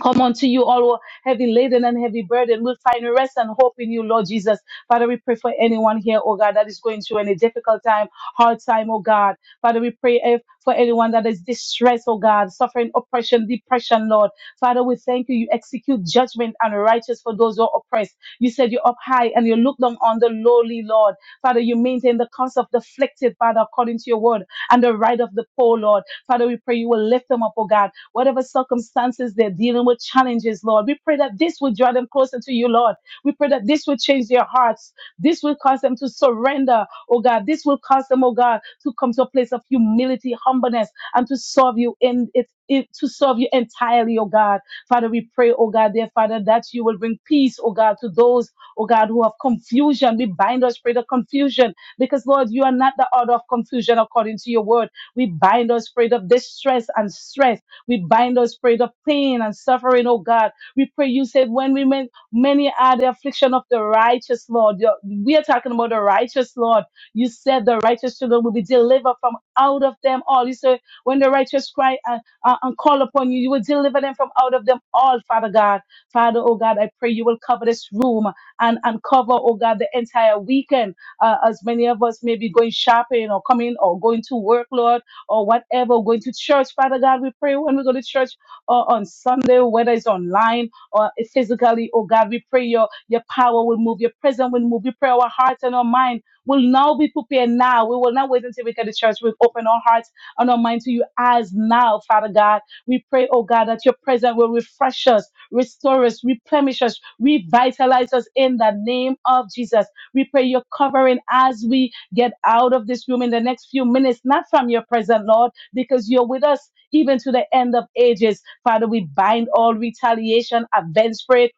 Come unto you, all who are heavy laden and heavy burden. We'll find rest and hope in you, Lord Jesus. Father, we pray for anyone here, oh God, that is going through any difficult time, hard time, oh God. Father, we pray eh, for anyone that is distressed, oh God, suffering oppression, depression, Lord. Father, we thank you. You execute judgment and righteous for those who are oppressed. You said you're up high and you look down on the lowly, Lord. Father, you maintain the cause of the afflicted, Father, according to your word and the right of the poor, Lord. Father, we pray you will lift them up, oh God. Whatever circumstances they're dealing with, challenges, Lord, we pray that this will draw them closer to you, Lord. We pray that this will change their hearts. This will cause them to surrender, oh God. This will cause them, oh God, to come to a place of humility, humbleness, and to serve you in it. it- To serve you entirely, oh God. Father, we pray, oh God, dear Father, that you will bring peace, oh God, to those, oh God, who have confusion. We bind us, pray the confusion because, Lord, you are not the author of confusion according to your word. We bind the spirit of distress and stress. We bind the spirit of pain and suffering, oh God. We pray you said when we men, many are the affliction of the righteous, Lord. Your- We are talking about the righteous, Lord. You said the righteous children will be delivered from out of them all. You said when the righteous cry and, uh, and call upon you, you will deliver them from out of them all, Father God. Father, oh God, I pray you will cover this room and, and cover, oh God, the entire weekend uh, as many of us may be going shopping or coming or going to work, Lord, or whatever, going to church. Father God, we pray when we go to church or on Sunday, whether it's online or physically, oh God, we pray your, your power will move, your presence will move. We pray our hearts and our mind will now be prepared now. We will not wait until we get to church. We'll open our hearts and our mind to you as now, Father God. We pray, oh God, that your presence will refresh us, restore us, replenish us, revitalize us in the name of Jesus. We pray your covering as we get out of this room in the next few minutes, not from your presence, Lord, because you're with us even to the end of ages. Father, we bind all retaliation, avenge prayer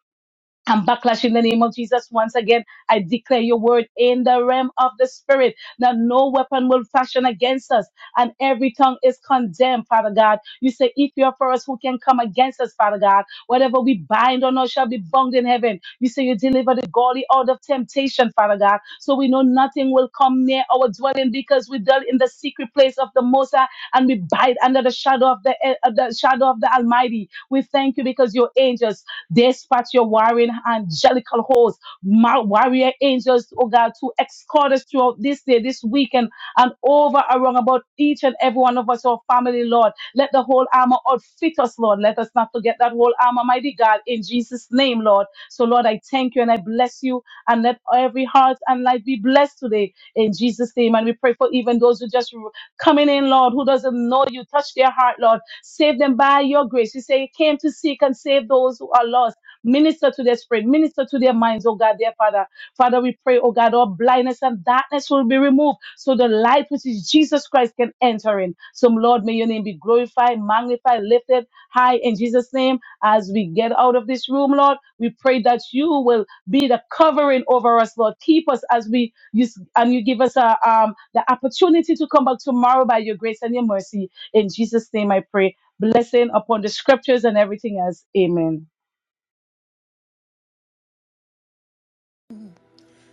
and backlash in the name of Jesus. Once again, I declare your word in the realm of the spirit that no weapon will fashion against us and every tongue is condemned, Father God. You say, if you're for us, who can come against us, Father God? Whatever we bind on earth shall be bound in heaven. You say you deliver the godly out of temptation, Father God. So we know nothing will come near our dwelling because we dwell in the secret place of the Most High and we bide under the shadow of the, of the shadow of the Almighty. We thank you because your angels Dispatch your warring angelical hosts, mar- warrior angels, oh God, to escort us throughout this day, this weekend, and over around about each and every one of us, our family, Lord. Let the whole armor outfit us, Lord. Let us not forget that whole armor, mighty God, in Jesus' name, Lord. So, Lord, I thank you and I bless you, and let every heart and life be blessed today in Jesus' name. And we pray for even those who just coming in, Lord, who doesn't know you. Touch their heart, Lord. Save them by your grace. You say you came to seek and save those who are lost. Minister to their spirit, minister to their minds, oh God, dear Father. Father, we pray, oh God, all blindness and darkness will be removed so the light which is Jesus Christ can enter in. So, Lord, may your name be glorified, magnified, lifted high in Jesus' name. As we get out of this room, Lord, we pray that you will be the covering over us, Lord. Keep us as we use, and you give us a, um, the opportunity to come back tomorrow by your grace and your mercy. In Jesus' name I pray. Blessing upon the scriptures and everything else. Amen.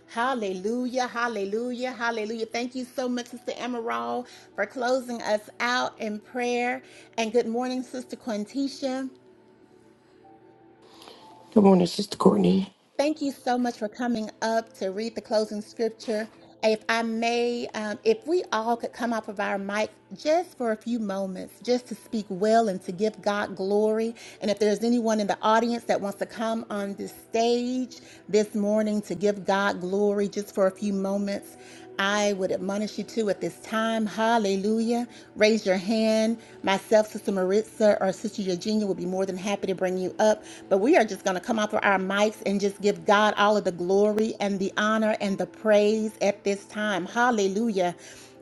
Hallelujah, hallelujah, hallelujah. Thank you so much, Sister Amaral, for closing us out in prayer. And good morning, Sister Quintisha. Good morning, Sister Courtney. Thank you so much for coming up to read the closing scripture. If I may, um, if we all could come off of our mic just for a few moments, just to speak well and to give God glory. And if there's anyone in the audience that wants to come on this stage this morning to give God glory just for a few moments, I would admonish you to at this time. Hallelujah. Raise your hand. Myself, Sister Maritza, or Sister Eugenia would be more than happy to bring you up. But we are just going to come off of our mics and just give God all of the glory and the honor and the praise at this time. Hallelujah.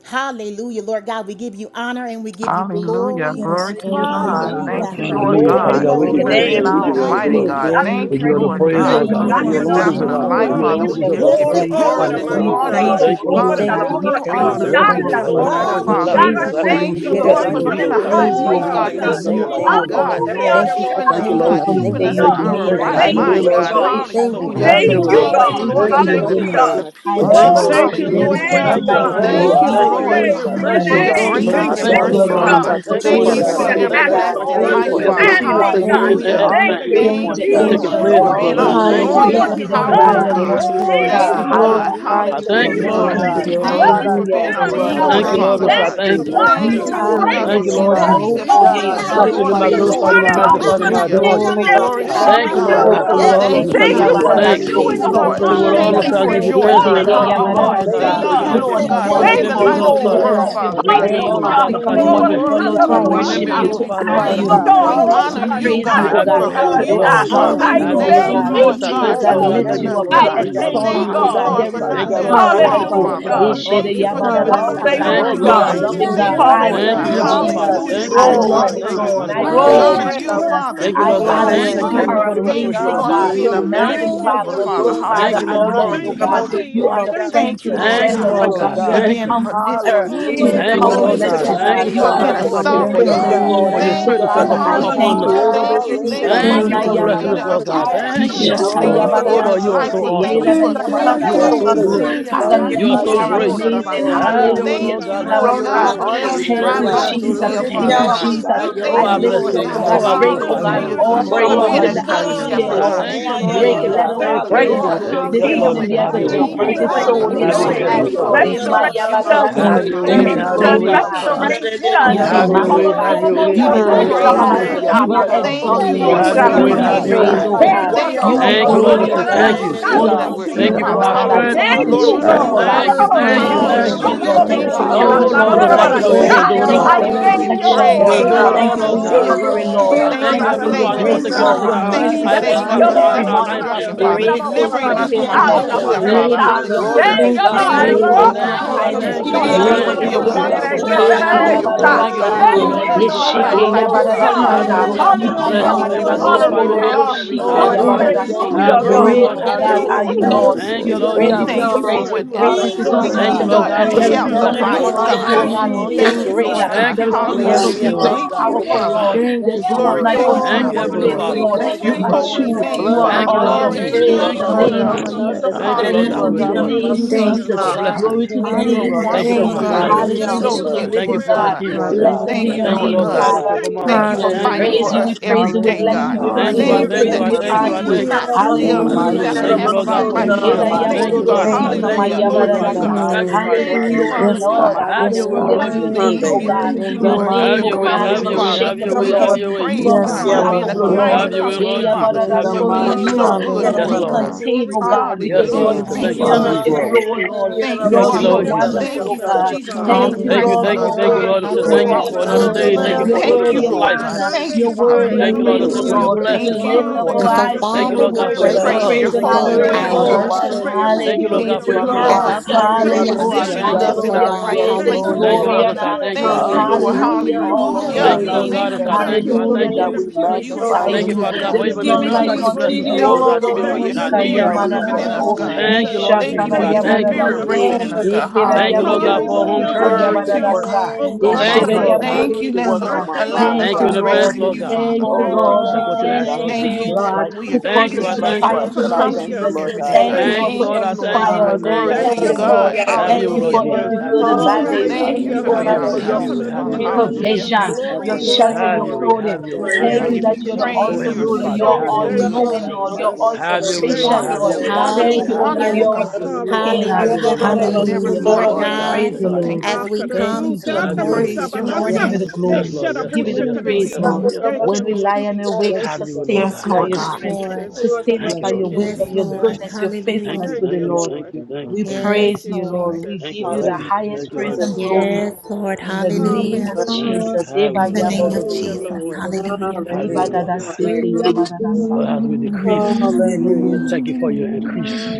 Hallelujah. Lord God, we give you honor and we give you Hallelujah. glory. Yes, Glory to you, Lord. Thank Dear you, Thank you, God. God. Hallelujah. Thank Hallelujah. Father you, Jesus. God. Lord Hallelujah, We Father Glory, God, Glory You Hallelujah God. are We to to the give your exalt Lord. you for the King you, We Lord. being service. name, of We worthy. dear give our you bless Glory. all God. the you. mighty We We glory. God. God, bless we Hallelujah. Praise glorify We Thank you. give you, you the all the you, praise name Lord of Lord you, praise, You God. are God, Lord Lord. Thank We God. you, for I mighty, God, say, we You being Jesus, a Father you are alone magnify love your mighty God. fountain deserve you, of our name, God, prayer. Lord. life, God, We You strong. Father. give alone because We you ancient deserve you Hallelujah. just are us. of And give Yes, I you glory, days. worthy. Oh, okay, You glory what and and I God. a are then say, this I'm We a mighty uh, I worthy, God, flow, I morning, Lord. thank praise God. you thank you, for I We Lord What your Father, a for thank Jesus. you. God. good, see who We We the good you thank We are are, praise you the you. We Father. for bless king. you, thank great your name, you for good. Heavenly Lord, I Jehovah, Father. another We We day, bless bless Father. you you, Lord Hallelujah, and praise we God, you I bless for you, your to Thank praise you, you, we you. get it bless Lord, you, Lord. right for and Thank Jesus. merciful. we you, We are being a before Lord. you, you, Hallelujah, high and we praise Lord you, O priest, Glory God. magnify God, God. And to you. for we There's Jesus. Thank say nothing you you, Hallelujah. your like you, thank are Lord you, name. Lord Lord. our God, Jesus. for Thank Hallelujah, Lord. you, Thank you I for Lord keeping us, thank you, Thank God. you keeping Lord God, us. for Yes, this Jesus. Thank keeping day you I us for you in thank have hallelujah. you. I our made leading thank and you. that right Praise Have you, your Thank we guiding way, will us, you, mind, Lord. Lord Lord. God. God. rejoice Jesus. Jesus. Praise you, and Thank be you, Lord. Hallelujah. glad Lord, Have in for Thank You your it. way, are you, Lord Good allowing Thank us God. We you, to worthy, God. Thank you Lord, see Hallelujah. thank for for you, your being Lord Thank the you, another God. Hallelujah. goodness, Prince Jesus. your day of God. We Peace, you, on kindness, the thank Father. you, Lord. Jesus. land Glory Lord of Thank you, to the your There Hallelujah. Lord, Jesus. is I living, for Hallelujah. Thank Lord your none you, name, thank you. like I God. love. God. God. you, thank Thank Oh, you. Thank Thank Lord. I you, you, We you. thank Lord, you, Yakayana hallelujah. for Lord, Glory Lord. praise your I your to Father, your thank name, for you. Masoya, name. mercy. Glory your to God. Lord name. your grace We name and I Thank your this God, you, thank Thank God, praise you, morning, we we your Jesus. mercy, Lord you, Lord, God. I Father. thank God name. Father. you God, won't Thank this you, for take thank you, for it Thank for morning, your peace There's Father you Praise God. God. be I for the God, Jesus. say, that granted, we nobody saving living Lord, thank bless but you passes God. like power. your you, all everlasting we say name Praise Thank life, this for be thank you, the helping you. Father. morning, Lord. Holy seeing us, God. say understanding, One of Jesus. you God. Thank in We you, Israel. Hallelujah. Oh, Thank honor for thank the everything you you, you this Praise for gift thank be of you, Thank morning, the you, that You God. life, We are thank taking Jesus Lord, you. give for ancients a Thank place. you of for you, And so, going all worthy, Lord being brand God, to the Lord. I all new days. the thank day. glory, you. knowing Praise cross, Thank Hallelujah, God. and you, be Jesus. the Lord God, Hallelujah. bright powerful, I God. hallelujah. and God. Glory thank God. to morning your you, name Thank Lord star. this Thank God, you Thank We you, you, for for a the morning. Lord. God. Yeah, mouth Holy just glorify Hallelujah to I you, to say we Give your your thank you you, Hallelujah, the Spirit Hallelujah. Lord name, name. God. exalt glory, living God. Jesus. give and Jesus, you all the you, Hallelujah. Thank God, honor. you dwelling I for Thank Hallelujah. you. Oh, being thank We within Lord you, us, our Thank Lord I thank you God, God. you. are you. you God. thank source, are you, Thank We God. you Lord. so Father And for worthy. so the bless I Thank God. good. you, thank you. strength you. Hallelujah, You that God, are you that We Thank Hallelujah. you, you're Lord honor endure I kind. you God, in hallelujah, Oh, thank breaking for me, you, this oh being Lord the morning. Father, hallelujah, God. There is King Oh Jesus. of God, thank no you God, God. one strongholds, you I I Kings, so like the inhabit bless God. you, the you, Lord glorify and I of much. your praise You're Thank of glorify name, you, Lords. your and I you, Jesus. God. turning I Thank you people. magnify Yes, you, over thank and so you, I I continue, Hallelujah. adore thank call things you, you. much. and oh Glory, God, Lord they're to Glory glory, God. I to Thank you, you thank you, becoming hallelujah. Lord so God. Thank magnify, new, Yes, you, God, God. through I it Ododo much. Father God. Yes, Lord, all, God. Lord. yes, Thank And you, so I continue, seke Thank Lord. Hallelujah. give Hallelujah. you you Lord God, your for for God, the Praise Jesus, yabadada your your to thanks. renewing soko Hallelujah, peace, Glory, of name. our bless God. Lord. Jesus, lododo your glory, Through Praise it name, your mind all, and the God. Thank Lord, glory, I you so shia. name. I for Jesus. give you Thank glory, you, joy, continue, thanks. Father God, Through Lord God. glory, transforming it thank of Eseke all, Yes, you, God, through Lord. our it thank all, you, Lord. heart, yabadada Hallelujah. Lord Lay God. i dear it thank Yes, sa. so you. may so Thank Mm, your you, I God. name free, We Lord. be, come Hallelujah. Lord Yes, in Father God, for God. may Lord. one I your being name Thank the be accord, you, light Lord, of continue, to this Hallelujah. Lord Lord. glorified. Lord, lift Yes, world, God, up you your are Father Lord, to to great God. Thank your yes, worthy. have name. you, Lord, God. Lord my Hallelujah. God, We Lord. I'm come sorry, hands in Thank, no, Oh, Hallelujah. up one may, to accord, you, Glory Father, Lord, to God. to I you, may thank thank your you. you, name God. worship be We Hallelujah, Lord. you, continue, Mm, Thank give to you. God. you Thank glorified, We Lord you. honor God. Thank Father thank I'm praise. you. Oh you giving Thank you, you God. you, God, Lord. We thanks, Thank Lord. Hallelujah, Lord you. to Thank honor God. you. you, Hallelujah. praise you, Jesus. Thank God, oh Thank Have you. you, you God, for with Lord. who to Heavenly you are, Yes, Father. Glory to Lord. exalt your Father. I you, Thank name, Thank Have you, oh Hallelujah, you you. Lord, with oh Thank God. thank you, We Lord Lord. God, God. you, I Lord say, Thank you, to, oh thank God, Jesus. bless you, Lord for God, Lord Jesus. your God. lift God. Thank keeping you you name us, for the up, this Jesus, to I God. morning, restoration of God. Jesus, my thank We name. extol you, you, Thank Hallelujah. oh mind. you, Jesus. God. You are Lord, God. There for is magnify you, no not Thank you, God. one worthy. Hallelujah. Praise your name. Thank you, Lord. letting Lord We Yes, us God. I say, beside Lord. fall, You for glorify the you. are Hallelujah, Yes, you, rest Father. of my Hallelujah. God. Lord. Lord. Yes, Ishede thought. I Thank worthy. We you say, for Lord. Lord give Oh God. you giving Praise yabadada us your all God, the peace name. sata. you in Thank our you, are Hallelujah, glory, our You're Lord a Lord. Hallelujah. God. mind. We Mighty Jesus. Thank burden loving say are you, the Thank God. Thank Lord. you, thank bearer. I you works Thank Lord of this Thank love God. you. you, you, Thank you Hallelujah. Heavenly morning, for your Father. God. Jesus. lifting Hallelujah. you, the Thank hands. you, We I Glory Lord to Glory. love burden, you, God. honor you, oh you Thank you, God. this Lord. Father God. Praise I God. your morning, We Thank God. praise Mighty you. Thank name. honor you, you are Glory. the for you, God, the we Jesus. works of say Thank Father. you, I freedom. your Lord thank God. honor Thank you. you Thank Glory. you. you. for You the Hallelujah. Thank you are for hands, the liberty Hallelujah, in Thank restoration of you, our amazing, God. Lord, body for and God. Christ. soul being You're We a spirit. Thank amazing, mountain you. Thank Jesus, you, magnify you. mover, Father, We a Lord Father. good God. glorify Jesus, Thank Father you, you, Hallelujah. and Lord God. Jesus, Glory Lord, oh to Jesus. Thank you, you, God. On God. this You Savior. Jesus. are morning, the God, Thank we you, friend Thank to you, the say Jesus. Lord Thank Creator. thank you, friendless, you, God, Hallelujah, oh Lord Thank Lord you, God. God. You are for God. the Thank being you. Master. Jesus. comforter magnificent, You Oh, to Hallelujah. the thank Thank worthy, you, you, Thank you, Glory Lord, Lord Lord. to you comfortless, God. oh your Jesus, omnipotent, Thank God. worthy, you, name, You lover for Father are of God. the being God. our a That's Lord. hope like to the it Hallelujah, Thank for sovereign souls. your Yes, you, God. hopeless, God. hallelujah, Lord. Hallelujah. for your Thank you, So, God. spirit Thank that's God. you, Father, Thank upon I you, thank upon Jesus. you. hallelujah. Hallelujah, us. Orodo Thank Lord, you. hallelujah, you are Thank sika you Hallelujah. for Thank you being mana Thank the you, worthy. for Jesus. Glory to blessing your Lord. creator us, yamanana Lord, of Lord name, so God. we all God. Thank you. things. Yasakoya extol Yes, na ishata na your Thank you Lord. for Oh name, Glory yabadada O to giving Lord, you your are masokoya, life. sete so God. For name, God. thank We you We awesome. yedada for Thank thank you, God. yabadada exhort You your are God. sekerere Thank so na you, na name, soko. na good. Father We thank you, Father, God. You thank masuya. are you, you magnify We so your are lift great. name your Jesus. this amazing. name morning, Thank you, Have high, God. your way, Lord. Father Hallelujah Lord thank to the God. you, God. Lamb Jesus, Jesus, Have of Lord your We God, You way. are God. for the honor letting you these Most today, High Thank dry Oh you, God. yes, Jesus, God. bones oh You Jesus. are Lord the live, We King Thank Father Jesus. you, of God. Jesus. Kings magnify We and the your thank Oh, I I Lord name you, of lift bless you Lord your up, today, oh God. name. Jesus, Lords. Oh, God. God. Yes, I We Break, say oh Jesus, glorify Oh your God, thank Hallelujah, name. God, you, all thank God, Jesus, you. you are Lord for Oh, the I strongholds being God. Breakthrough. in a the host Jesus. magnify of good your name, We Lord atmosphere, God. armies. I say Lord. thank you, for thank you, Lord Hallelujah. Break being Lord it. Jesus. the I Let God. our Lord thank Thank of you. you, praise Hallelujah Lord uh, Lord. for breakthrough, your Yes, this Hallelujah, grace Lord, Jesus. I God. morning Hallelujah, say, be as healing, have God. a your and your Lord, two Thank way. Thank you, you, mercy, Lord, edged Father God. Lord We healing, Father. sword God. God. say in We Hallelujah, Have our your say thank way, Thank you, you healing, for Heavenly thank Thank hands, you Abba your for Lord. you, Father. Eh, thank being peace, Father. my Jesus. so God. Oh gentle God, you, restoration, we to yabadadasa. us, Have thank God, say you, your God, You way, thank thank thank be you you, you, every have for your restoration, day, Lord thank you, way. Lord God, blessing glorified. God. for us. Jesus. Yeah, pray understanding, restoration. You Thank you, be God. Have Thank on We you, your Lord. my Hallelujah. say way, Lord. have thank magnified. You've your We you masu, way, made You yeah, give you be have us a for your Ah, way, pray your lifted on Lord praise, my blessing. thank high. covering you, of God. Jesus. your You soul. be Jesus, blood, Hallelujah. God. We for Thank say Yeah, you you, and yeah, thank exalted. Lord, for Have Glory you, your awesome new to Lord You yeah, way, and your so be have God, mighty beginnings, name, your pray praised, way. God, God. Lord. oh how Lord you Thank God. God. on you, watch my Glory, Thank you You soul, over for God. us, be yeah, Thank you, God. glory, walking We Lord. Thank I glory, with fire oh you, say said, us glory. of the through thank God. the thank thank you. you, Holy you, season thank that Glory God. you we're Ghost. to for in, your Thank your you Wododosika for Father. holy our manana. name. Glory, excellency, strength. Hallelujah Thank you, Thank Lord you, Father, hallelujah to Jesus, to God. you, Lord, for you Mm, your are God. life. thank name, you, worthy. God. We thank You There's Thank you, are you for thank God. thank worthy. you. nobody you. strength, Hallelujah, Hallelujah. You Lord. are like you, Thank you Thank you, for worthy. hallelujah, carrying Oh, us God. through Lord, Hallelujah, the God. no, Oh, Jesus. so I God. night, can We God, know you. Lord. You Thank thank don't thank you you, do you. it for We Thank you Lord, I for Yeah. God, for all. your we thank never give you. ordering you thank We leaving nor thank protection, You you. praise. don't Lord. our We thank do forsaking it us, Thank all, you for steps. Lord Lord your God. God. Hallelujah. you, we covering, Hallelujah. Lord. I Oh, Thank thank you you, Thank for magnify you God, for Heavenly in your your the Father, saving for us, name name grace, this of taking us God. Lord. in the Your morning, Hallelujah. uh, Thank you God, for mercy Lord. in I, the that Yeah, are Jesus, saving us impos- Yo, mighty yeah, new for thank Lord, I, name every you, yeah, self I, of I thank morning. you, Jesus, destruction, yeah. Hallelujah. thank God. Father, We you, impossibility. Great Oh, thank is you. delivering Made your There's God, us you from thank are We our you, faithfulness. so own impossibility. nobody Lord. I say self, like good. Thank you, you, thank Father. thank Great you. is you. your Jesus. Glory Hallelujah. Thank to goodness. you, thank you I God. Hallelujah. We Thank God. thank you, Great you. say Holy I you Lord is Savior. your thank thank God. you. are, I you. kindness. thank you. I Hallelujah. worthy Thank you Great Hallelujah, for you thank is being you. your are, Hallelujah, God. God. blessing. We wonderful, Thank Father, thank in Hallelujah. Eba mighty you, you. all We you King, your I thank Lord, yabarada ways, thank you you. this We God. God, morning, O Hallelujah. soko. Thank thank Lord you, mighty you. There's are. Jesus. God. God. Have nobody Yesheke your like way. you, Glory. Yes, yabarada God. yes, Hallelujah. Hallelujah. Have yeah, your Hallelujah, sata. yeah, Hallelujah, way. na, na, Hallelujah. God. We na, I Hallelujah. Ima na, We thank bless Hallelujah. your so, give you. name. you oh, yamanana I yeah. Glory, yeah. We hallelujah. glorify soko glory. your glory, thank name. lododo Hallelujah. you. glory, We shika I Hallelujah. thank Lord. adore you. Honor Thank you. We yabarada you, you, se. thank you. Father. Hallelujah, King. Have your Glory, way, Great, Thank Roshe God. Lord. you, oh glory, Have God, your We Yes, will are way. glory, Lord you, thank God. praise Lord. kererashite. you, Lord. Thank Lord. you, You're Yes, Lord you, Thank greatly God. you. to Jesus. Thank We be you Jesus. for praised. thank Your Hallelujah. you. whatever We greatness is Lord, we will And Hallelujah, I thank honor you, need, God. can't you, Lord Hallelujah, unsearchable God. God, You thank powerful. for There you your We is Lord. shall peace hallelujah. enough. none God. that like supply surpasses You it, all magnify unto are God. you, your O Thank understanding. mighty, God, name you, who on Mm, Lord, is Thank thank today, for you, you, greater. God. all Lord Jesus. Jesus. that God. Thank you, There you is have We Lord none You like are done God. lift Yes, and Mm. unto Hallelujah. you you all who Lord. is up, that Thank you God. are you, strong, We powerful, yet just to Father. Lord. Lord. say do. Thank There's you, thank no Yes, you, one Glory Jesus. Lord like to take Thank you, you God. my unto for you Thank you, who Thank every Lord, are you, Father. my Heavenly We my Lord. faithful, co- You Father. soul, blessing. Lord. are thank Bless your You you Lord. Thank are you for for your holy every true. Yes, worthy, name, You blood, are oh miracle. Lord, Thank Father. you, Lord. my God. Lord my awesome. Glory Thank Jesus. Thank you, Hallelujah, you, to Praise Lord Thank you, the Father God, you. soul. for Lord name God. of You God. covering us. hallelujah, are Jesus. Thank Hallelujah. God. you, Thank Lord you, God. Blessed worthy, Lord We be Hallelujah. the God, adore for you. We Lord. name of keeping thank us, Thank Mm. you, Hallelujah. you, Jesus. Lord We Lord God. bless Jesus. your God. Glory name. to the Thank You are you, Praise name I Lord Hallelujah, of God, thank you for for your Hallelujah. wonderful, Jesus. Thank my you, God. Lord. You surrounding Jesus. are us We family. with name. Thank your Hallelujah so you, exalt to the I blood. good you, Lord, to thank you Jesus. living for us, for our every Thank God. God. you, kids. Lord rescue, God. Blessed be Father Thank I Hallelujah, you, your thank God. Thank you, Lord God. you, Lord name, Lord God, God. and I say God. Father. for Thank my you for wife. Thank you I Hallelujah. for Thank We lifting thank you, you, fighting our Lord Lord praise for you, Hallelujah, God. we us God. heads. every praise you, we day, Hallelujah, bless Oh you, God. I we God. In thank the God, you, praise you, I we for Thank mighty you thank praise you, that you, I name the Hallelujah. we of thank you, hallelujah. enemy honor taking I will you. us Jesus. thank you. not higher, In the steal Father Thank the you, God. mighty Hallelujah, I second thank name Mm. you, Thank Jesus. half of you, of Lord our God, hallelujah. for thank Jesus. your you, life, Thank In the you, Father. shield. Hera thank We I you, mighty Jesus. thank thank you, you, thank name yabododo you, of God. Lord God. Thank I Lord. you, Mm. Hallelujah. sika Jesus. ma thank Lord. you. Hallelujah. I Glory to glorify In you, you and the yabaradasa. I God. Thank Hallelujah, mighty Mm, Lord. magnify you name and You of I Thank you, are Hallelujah adore to you. the Jesus. Father yes, In the worthy. God. Lord, God. mighty Have Yes, your You are name will, hallelujah of God. Lord to your worthy. Jesus. You Jesus. name, are O Hallelujah. God. Thank worthy, you, In the you, Your Lord, Lord. for Glory, Have mighty name, your O your way, name You glory, God, of have is are comfort, your way, Jesus. Father. glory. have worthy, your unshakable, O way, We Jesus. Lord. have give Lord. you your way. You praise, are In the Yes, God, for mighty being Lord. a unstoppable, O name of Hallelujah, Thank mighty you. Lord. Have your Jesus. way, Praise Hey, comforter, Lord hallelujah, Father, Jesus. In Have the for your yabaradasoto. being way. your mighty You so are- name good hallelujah. of cannot to Yes, be us, Hallelujah, Glory, Jesus. God. name. Lord. God. contained, glory, O God, glory. Yes, because For Yes, you're Lord. I Hallelujah. Thank God. said, you, You Thank thank Thank We Oh you, you, you, give Lord Father. you God, Lord. are Jesus. Jesus. you uncontainable, are glory. O Lord. faithful. worthy. Thank you, Thank you, Lord, Yes, you Thank You've Father. are Lord Lord. you, never Lord. Jesus. wonderful, Thank Jesus. failed you oh for us, oh God. Jesus God. paying the Thank you, Thank You price you, Hallelujah. Thank Lord. Hallelujah. for thank You Oh you, us, are thank you, God, worthy. God, are Lord. I the you, on said, You're the Thank Lord thank you worthy righteous of cross, God. for is God. another not Thank you, day. glory. Thank you Lord. You're for forsaken Thank you, Lord God. Lord worthy. and Thank newness our you, worthy of God. of seed Lord. Lord life. is God. honor. not Thank you, You're begging Father. worthy bread. of Thank Thank you, you, Lord. praise, I Lord said, oh for God. Praise Hallelujah. your Mm. Lord. Thank We you, Thank blessing. you, Father. lift your up Lord our And God. so, name. eyes Hallelujah. to Thank you, Thank you Father, you in Lord we for God, for We Yes, worship every pray your and God. that praise you love. Thank praise your blessing, you, and Thank you for Father. your holy receive for No Lord, every I our adoration, name, faithfulness. God. Lord. miracle, otherwise. worship for every Thank you, love You Lord Hallelujah healing, God, Thank for oh to you you, the your are the Lord King. God. as a mercy. wise God, sweet for God. you. You are Savior Thank the you, Oh, unto I Hallelujah. your thank you, repositioning thank God you. us nostrils, of in O Lord. Hallelujah. our God. God. You are rightful Lord, the Praises, Thank I place I Lord you, in of you, thank you, Hallelujah. Lord. glory, Lords, Lord, The Father. and and so God. I joy honor. You of thank the you. I Thank are Lord you, thank the you. is Lord. our Lord love of Hallelujah, strength. all, Lord, Mm, oh to I Yes, your we thank Hallelujah. God. you, pray. God, Hallelujah. Lord you. name. we God, and and Thank I'm so you, a I thank God. you. Thank thank you, you. I Lord, Hallelujah. thank for you. There God, the is sinner. we Praise none pure You are I magnify joy. so beside your thank you, Thank you, you. good, Father name God, on your Thank God. for There you, is even the today, none Lord, like God. job Jesus. for like that We the you unto bless lay Holy us you. name. with, at Lord your Thank Ghost. you, God, to feet, Ororo be Lord, able for to God. Thank your meet you, our sika Lord, God, spirit for needs. we the yamanana living in thank blood of us, you. so I We God. Mm. thank you, magnify Jesus. your Lord Thank name, you ishakara Jesus. for God. I your Thank you, Thank thank you, you. yabarada spirit Father. Lord se resting God. Hallelujah. in us, God. Hallelujah. I ekera thank you, Mm. Lord Hallelujah. Hallelujah. God, yabororo for our God, home Hallelujah. sika continue church. Glory to to Hallelujah. yabarada you, work sa God. Oh I Thank you, on God, my I thank you, eshera Jesus. heart. Lord thank God, you. God. Thank yabororo continue you, to Lord, work for I on siya. Hallelujah. my thank I you, allowing mind, Thank us thank Lord you to you, in God. God. rest advance, Lord. in Lord you, God. Mm. Continue, Father. Thank you, oh Thank you, Lord Lord. As I We God, continue to Hallelujah. Jesus. ask, thanks God, be Lord to to be Thank God. you, you just that God, like we I who you, are Thank thank able caused you, you. us to I just to like thank just you. Jesus. Christ. triumph in God, I come Christ to thank you, Hallelujah. you Jesus. Lord every day, God. I God. Thank you, Thank Thank thank you. you, Lord, you, for Thank Lord. you, I every Lord thank Jesus. you. I God. trials, every Hallelujah. thank Glory You I you. to Thank you, you, thank testing, you, Lord. God. Lord Lord. are God. Have I Thank your way, you thank Hallelujah. Lord for you. Jesus. Hallelujah. every Have good your I and way. bad thank worthy, days. you. I Thank Lord. you Thank thank Hallelujah. you, for oh you. Have being I God, your our way. for thank Have Hallelujah. your you. your counselor, way. Have Father. your way. Hallelujah. Have your way. Hallelujah. praise provision, Thank you, I Glory, your Lord. thank you. glory, shelter, Have your your your way. glory. clothing. I Have your way. thank Have you. We Thank your I you way. Thank give name. you, you thank that you're the you. I Oh, thank praise. you. awesome You are Jesus. Heavenly ruler. Let's Father, You get it are I so, in have all the so your way. feet Thank magnify of you, good, your knowing, the Lord. God. name. Lord. I You're all Jesus. Have glorify your you. You're way, Lord. Thank sufficient, you, Have And Lord. I your wonderful, way. thank Have you, your way. Lord Thank wonderful, you, Jesus. oh Have God. I your God. way. Hallelujah. wonderful, You're thank you our Thank for God. who you. you are. Thank sustainer. Have Hallelujah. you. your way, Hallelujah. I Lord Thank God, thank for you you that for Never this for the Hallelujah. who Hallelujah. far mighty you Lord blessing. be are, away, in me. God, God. Hallelujah, Praise God, in in the So the Thank Christ Lord. name thank of Jesus. you. as we you. Jesus. Thank come Akaratu you, to a Have tata your close way. Jesus. Praise this your Thank holy We you. give masabalasa. you morning, name, the Hey, Yes, Hallelujah. glory. Lord. Thank We Yes, you. give you Lord. the shadabusha Yes, Mm. Lord. praise, Jesus' Yes, karati. Thank Lord. Lord. you, name. Yes, Lord. Thank Lord. Bless When you, you. we lie Lord and awake, Bless you Jesus. Have you, your way, Father Lord sustain God. Yes, us God. by Bless Lord Have your Thank your you, you. Yes, God. way. strength. Lord. Jesus. Sustain us Thank you, Bless by you, your Lord Thank you, Father Jesus. wisdom, Yes, God. your Bless Lord. Jesus. you. goodness, your Thank faithfulness Hallelujah. you. to Thank the you, Thank you. Bless Lord. you, Thank Lord. you. Father Thank God. you. We Thank you. Thank Yes, praise you, you, Lord. Lord. We Thank Jesus. you, give you Lord the Praise Jesus. you. highest Thank you, praise Lord and Jesus. Hallelujah. glory. Yes, Lord. In the Thank name You you. of Hallelujah. Thank Hallelujah. you. are Jesus. Have Eba In your the way. name Have of your way, Hallelujah, worthy, Lord. Jesus. yabododoseke. Lord. Lord. Hallelujah. Have Iba your way, Lord Hallelujah. God. dadasete Praise yabadadasa. your Lord, as we decrease, name. Hallelujah. thank you for your increase.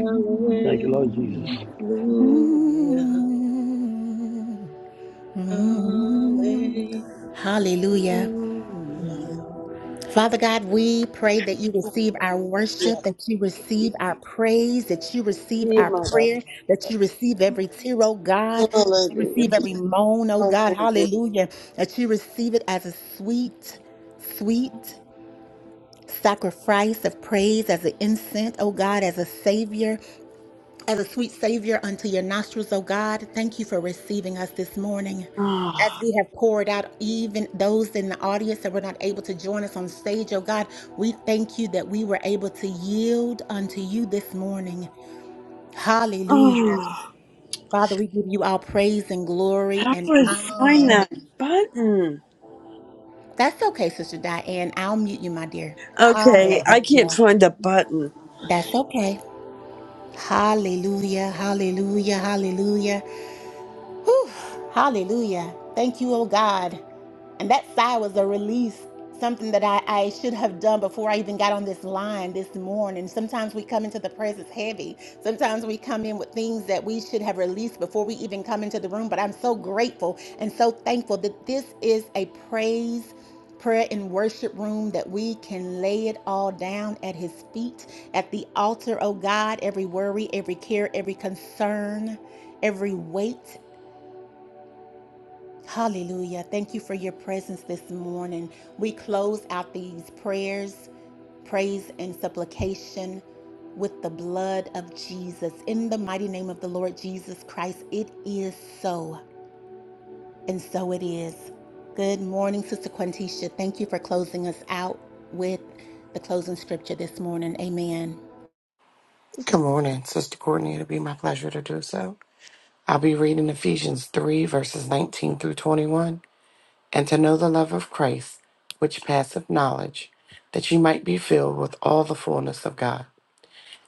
Thank you, Hallelujah. Lord Jesus. Hallelujah. Hallelujah. Father God, we pray that you receive our worship, that you receive our praise, that you receive our prayer, that you receive every tear, oh God, that you receive every moan, oh God, hallelujah, that you receive it as a sweet, sweet sacrifice of praise, as an incense, oh God, as a savior. As a sweet Savior unto your nostrils, O God, thank you for receiving us this morning. As Oh, we have poured out, even those in the audience that were not able to join us on stage, O God, we thank you that we were able to yield unto you this morning. Hallelujah. oh, Father, we give you all praise and glory how do and I find honor. that button? That's okay, Sister Diane. I'll mute you, my dear. Okay, I can't Hallelujah. find the button. That's okay. Hallelujah. Hallelujah. Hallelujah. Whew, hallelujah. Thank you, oh God. And that sigh was a release, something that I, I should have done before I even got on this line this morning. Sometimes we come into the presence heavy. Sometimes we come in with things that we should have released before we even come into the room. But I'm so grateful and so thankful that this is a praise. Prayer and worship room that we can lay it all down at His feet, at the altar, oh God, every worry, every care, every concern, every weight. Hallelujah. Thank you for your presence this morning. We close out these prayers, praise, and supplication with the blood of Jesus. In the mighty name of the Lord Jesus Christ, it is so, and so it is. Good morning, Sister Quantisha. Thank you for closing us out with the closing scripture this morning. Amen. morning, Sister Courtney. It'll be my pleasure to do so. I'll be reading Ephesians 3, verses 19 through 21. And to know the love of Christ, which passeth knowledge, that ye might be filled with all the fullness of God.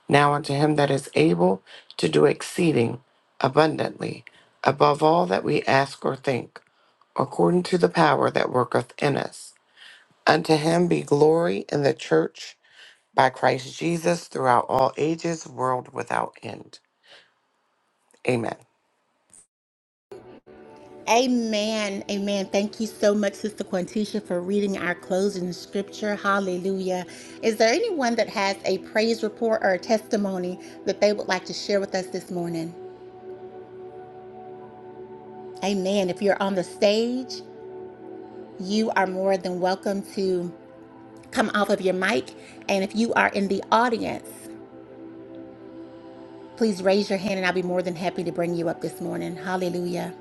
Now unto him that is able to do exceeding abundantly, above all that we ask or think, according to the power that worketh in us. Unto him be glory in the church by Christ Jesus throughout all ages, world without end. Amen. Amen. Amen. Thank you so much, Sister Quantisha, for reading our closing scripture. Hallelujah. Is there anyone that has a praise report or a testimony that they would like to share with us this morning? Amen. If you're on the stage, you are more than welcome to come off of your mic. And if you are in the audience, please raise your hand and I'll be more than happy to bring you up this morning. Hallelujah.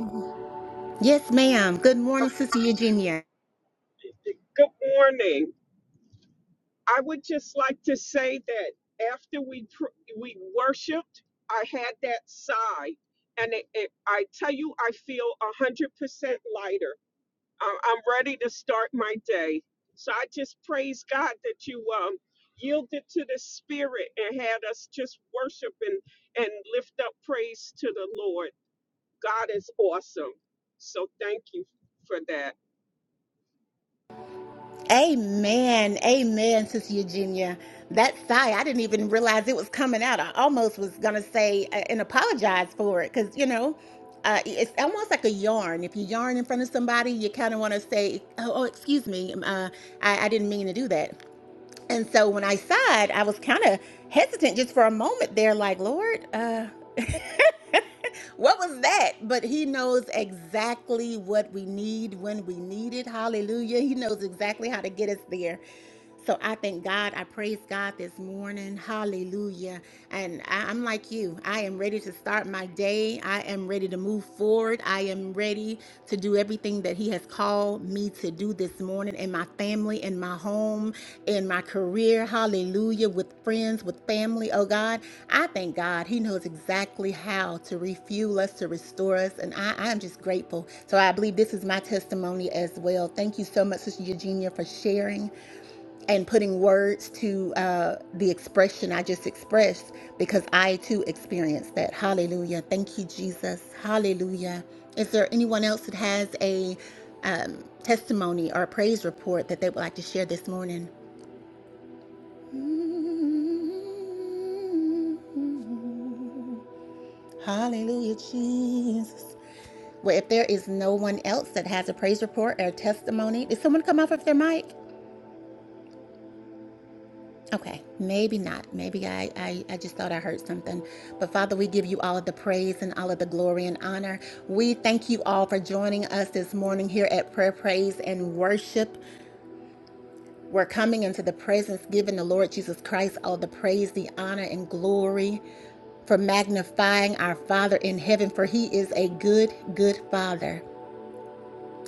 Yes, ma'am. Good morning, Sister Eugenia. Good morning. I would just like to say that after we pr- we worshiped, I had that sigh, and it, it, I tell you, I feel a hundred percent lighter. I'm, I'm ready to start my day. So I just praise God that you um, yielded to the Spirit and had us just worship and, and lift up praise to the Lord. God is awesome. So thank you for that. Amen. Amen, Sister Eugenia. That sigh, I didn't even realize it was coming out. I almost was going to say uh, and apologize for it because, you know, uh, it's almost like a yarn. If you yarn in front of somebody, you kind of want to say, oh, oh, excuse me, um, uh, I, I didn't mean to do that. And so when I sighed, I was kind of hesitant just for a moment there, like, Lord, uh, what was that? But he knows exactly what we need when we need it. Hallelujah. He knows exactly how to get us there. So I thank God. I praise God this morning. Hallelujah. And I, I'm like you. I am ready to start my day. I am ready to move forward. I am ready to do everything everything that He has called me to do this morning in my family, in my home, in my career. Hallelujah. With friends, with family. Oh God, I thank God. He knows exactly how to refuel us, to restore us. And I, I'm just grateful. So I believe this is my testimony as well. Thank you so much, Sister Eugenia, for sharing and putting words to uh, the expression I just expressed because I too experienced that. Hallelujah. Thank you, Jesus. Hallelujah. Is there anyone else that has a um, testimony or a praise report that they would like to share this morning? Mm-hmm. Hallelujah, Jesus. Well, if there is no one else that has a praise report or a testimony, did someone come off of their mic? Okay, maybe not. Maybe I, I, I just thought I heard something. But Father, we give you all of the praise and all of the glory and honor. We thank you all for joining us this morning here at Prayer, Praise, and Worship. We're coming into the presence giving the Lord Jesus Christ all the praise, the honor, and glory for magnifying our Father in heaven, for he is a good, good Father.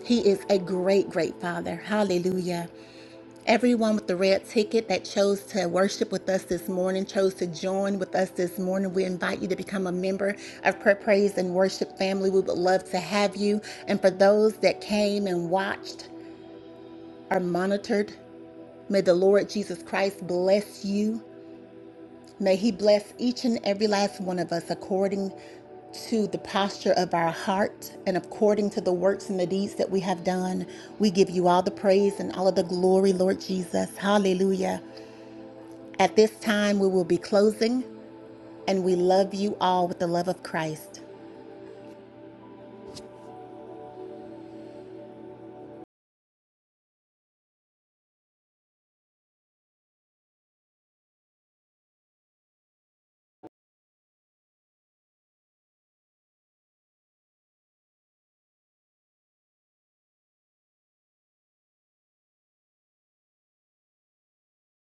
He is a great, great Father. Hallelujah. Everyone with the red ticket that chose to worship with us this morning, chose to join with us this morning, we invite you to become a member of Prayer, Praise, and Worship family. We would love to have you. And for those that came and watched or monitored, may the Lord Jesus Christ bless you. May He bless each and every last one of us according to the posture of our heart and according to the works and the deeds that we have done. We give you all the praise and all of the glory, Lord Jesus. Hallelujah. At this time, we will be closing, and we love you all with the love of Christ.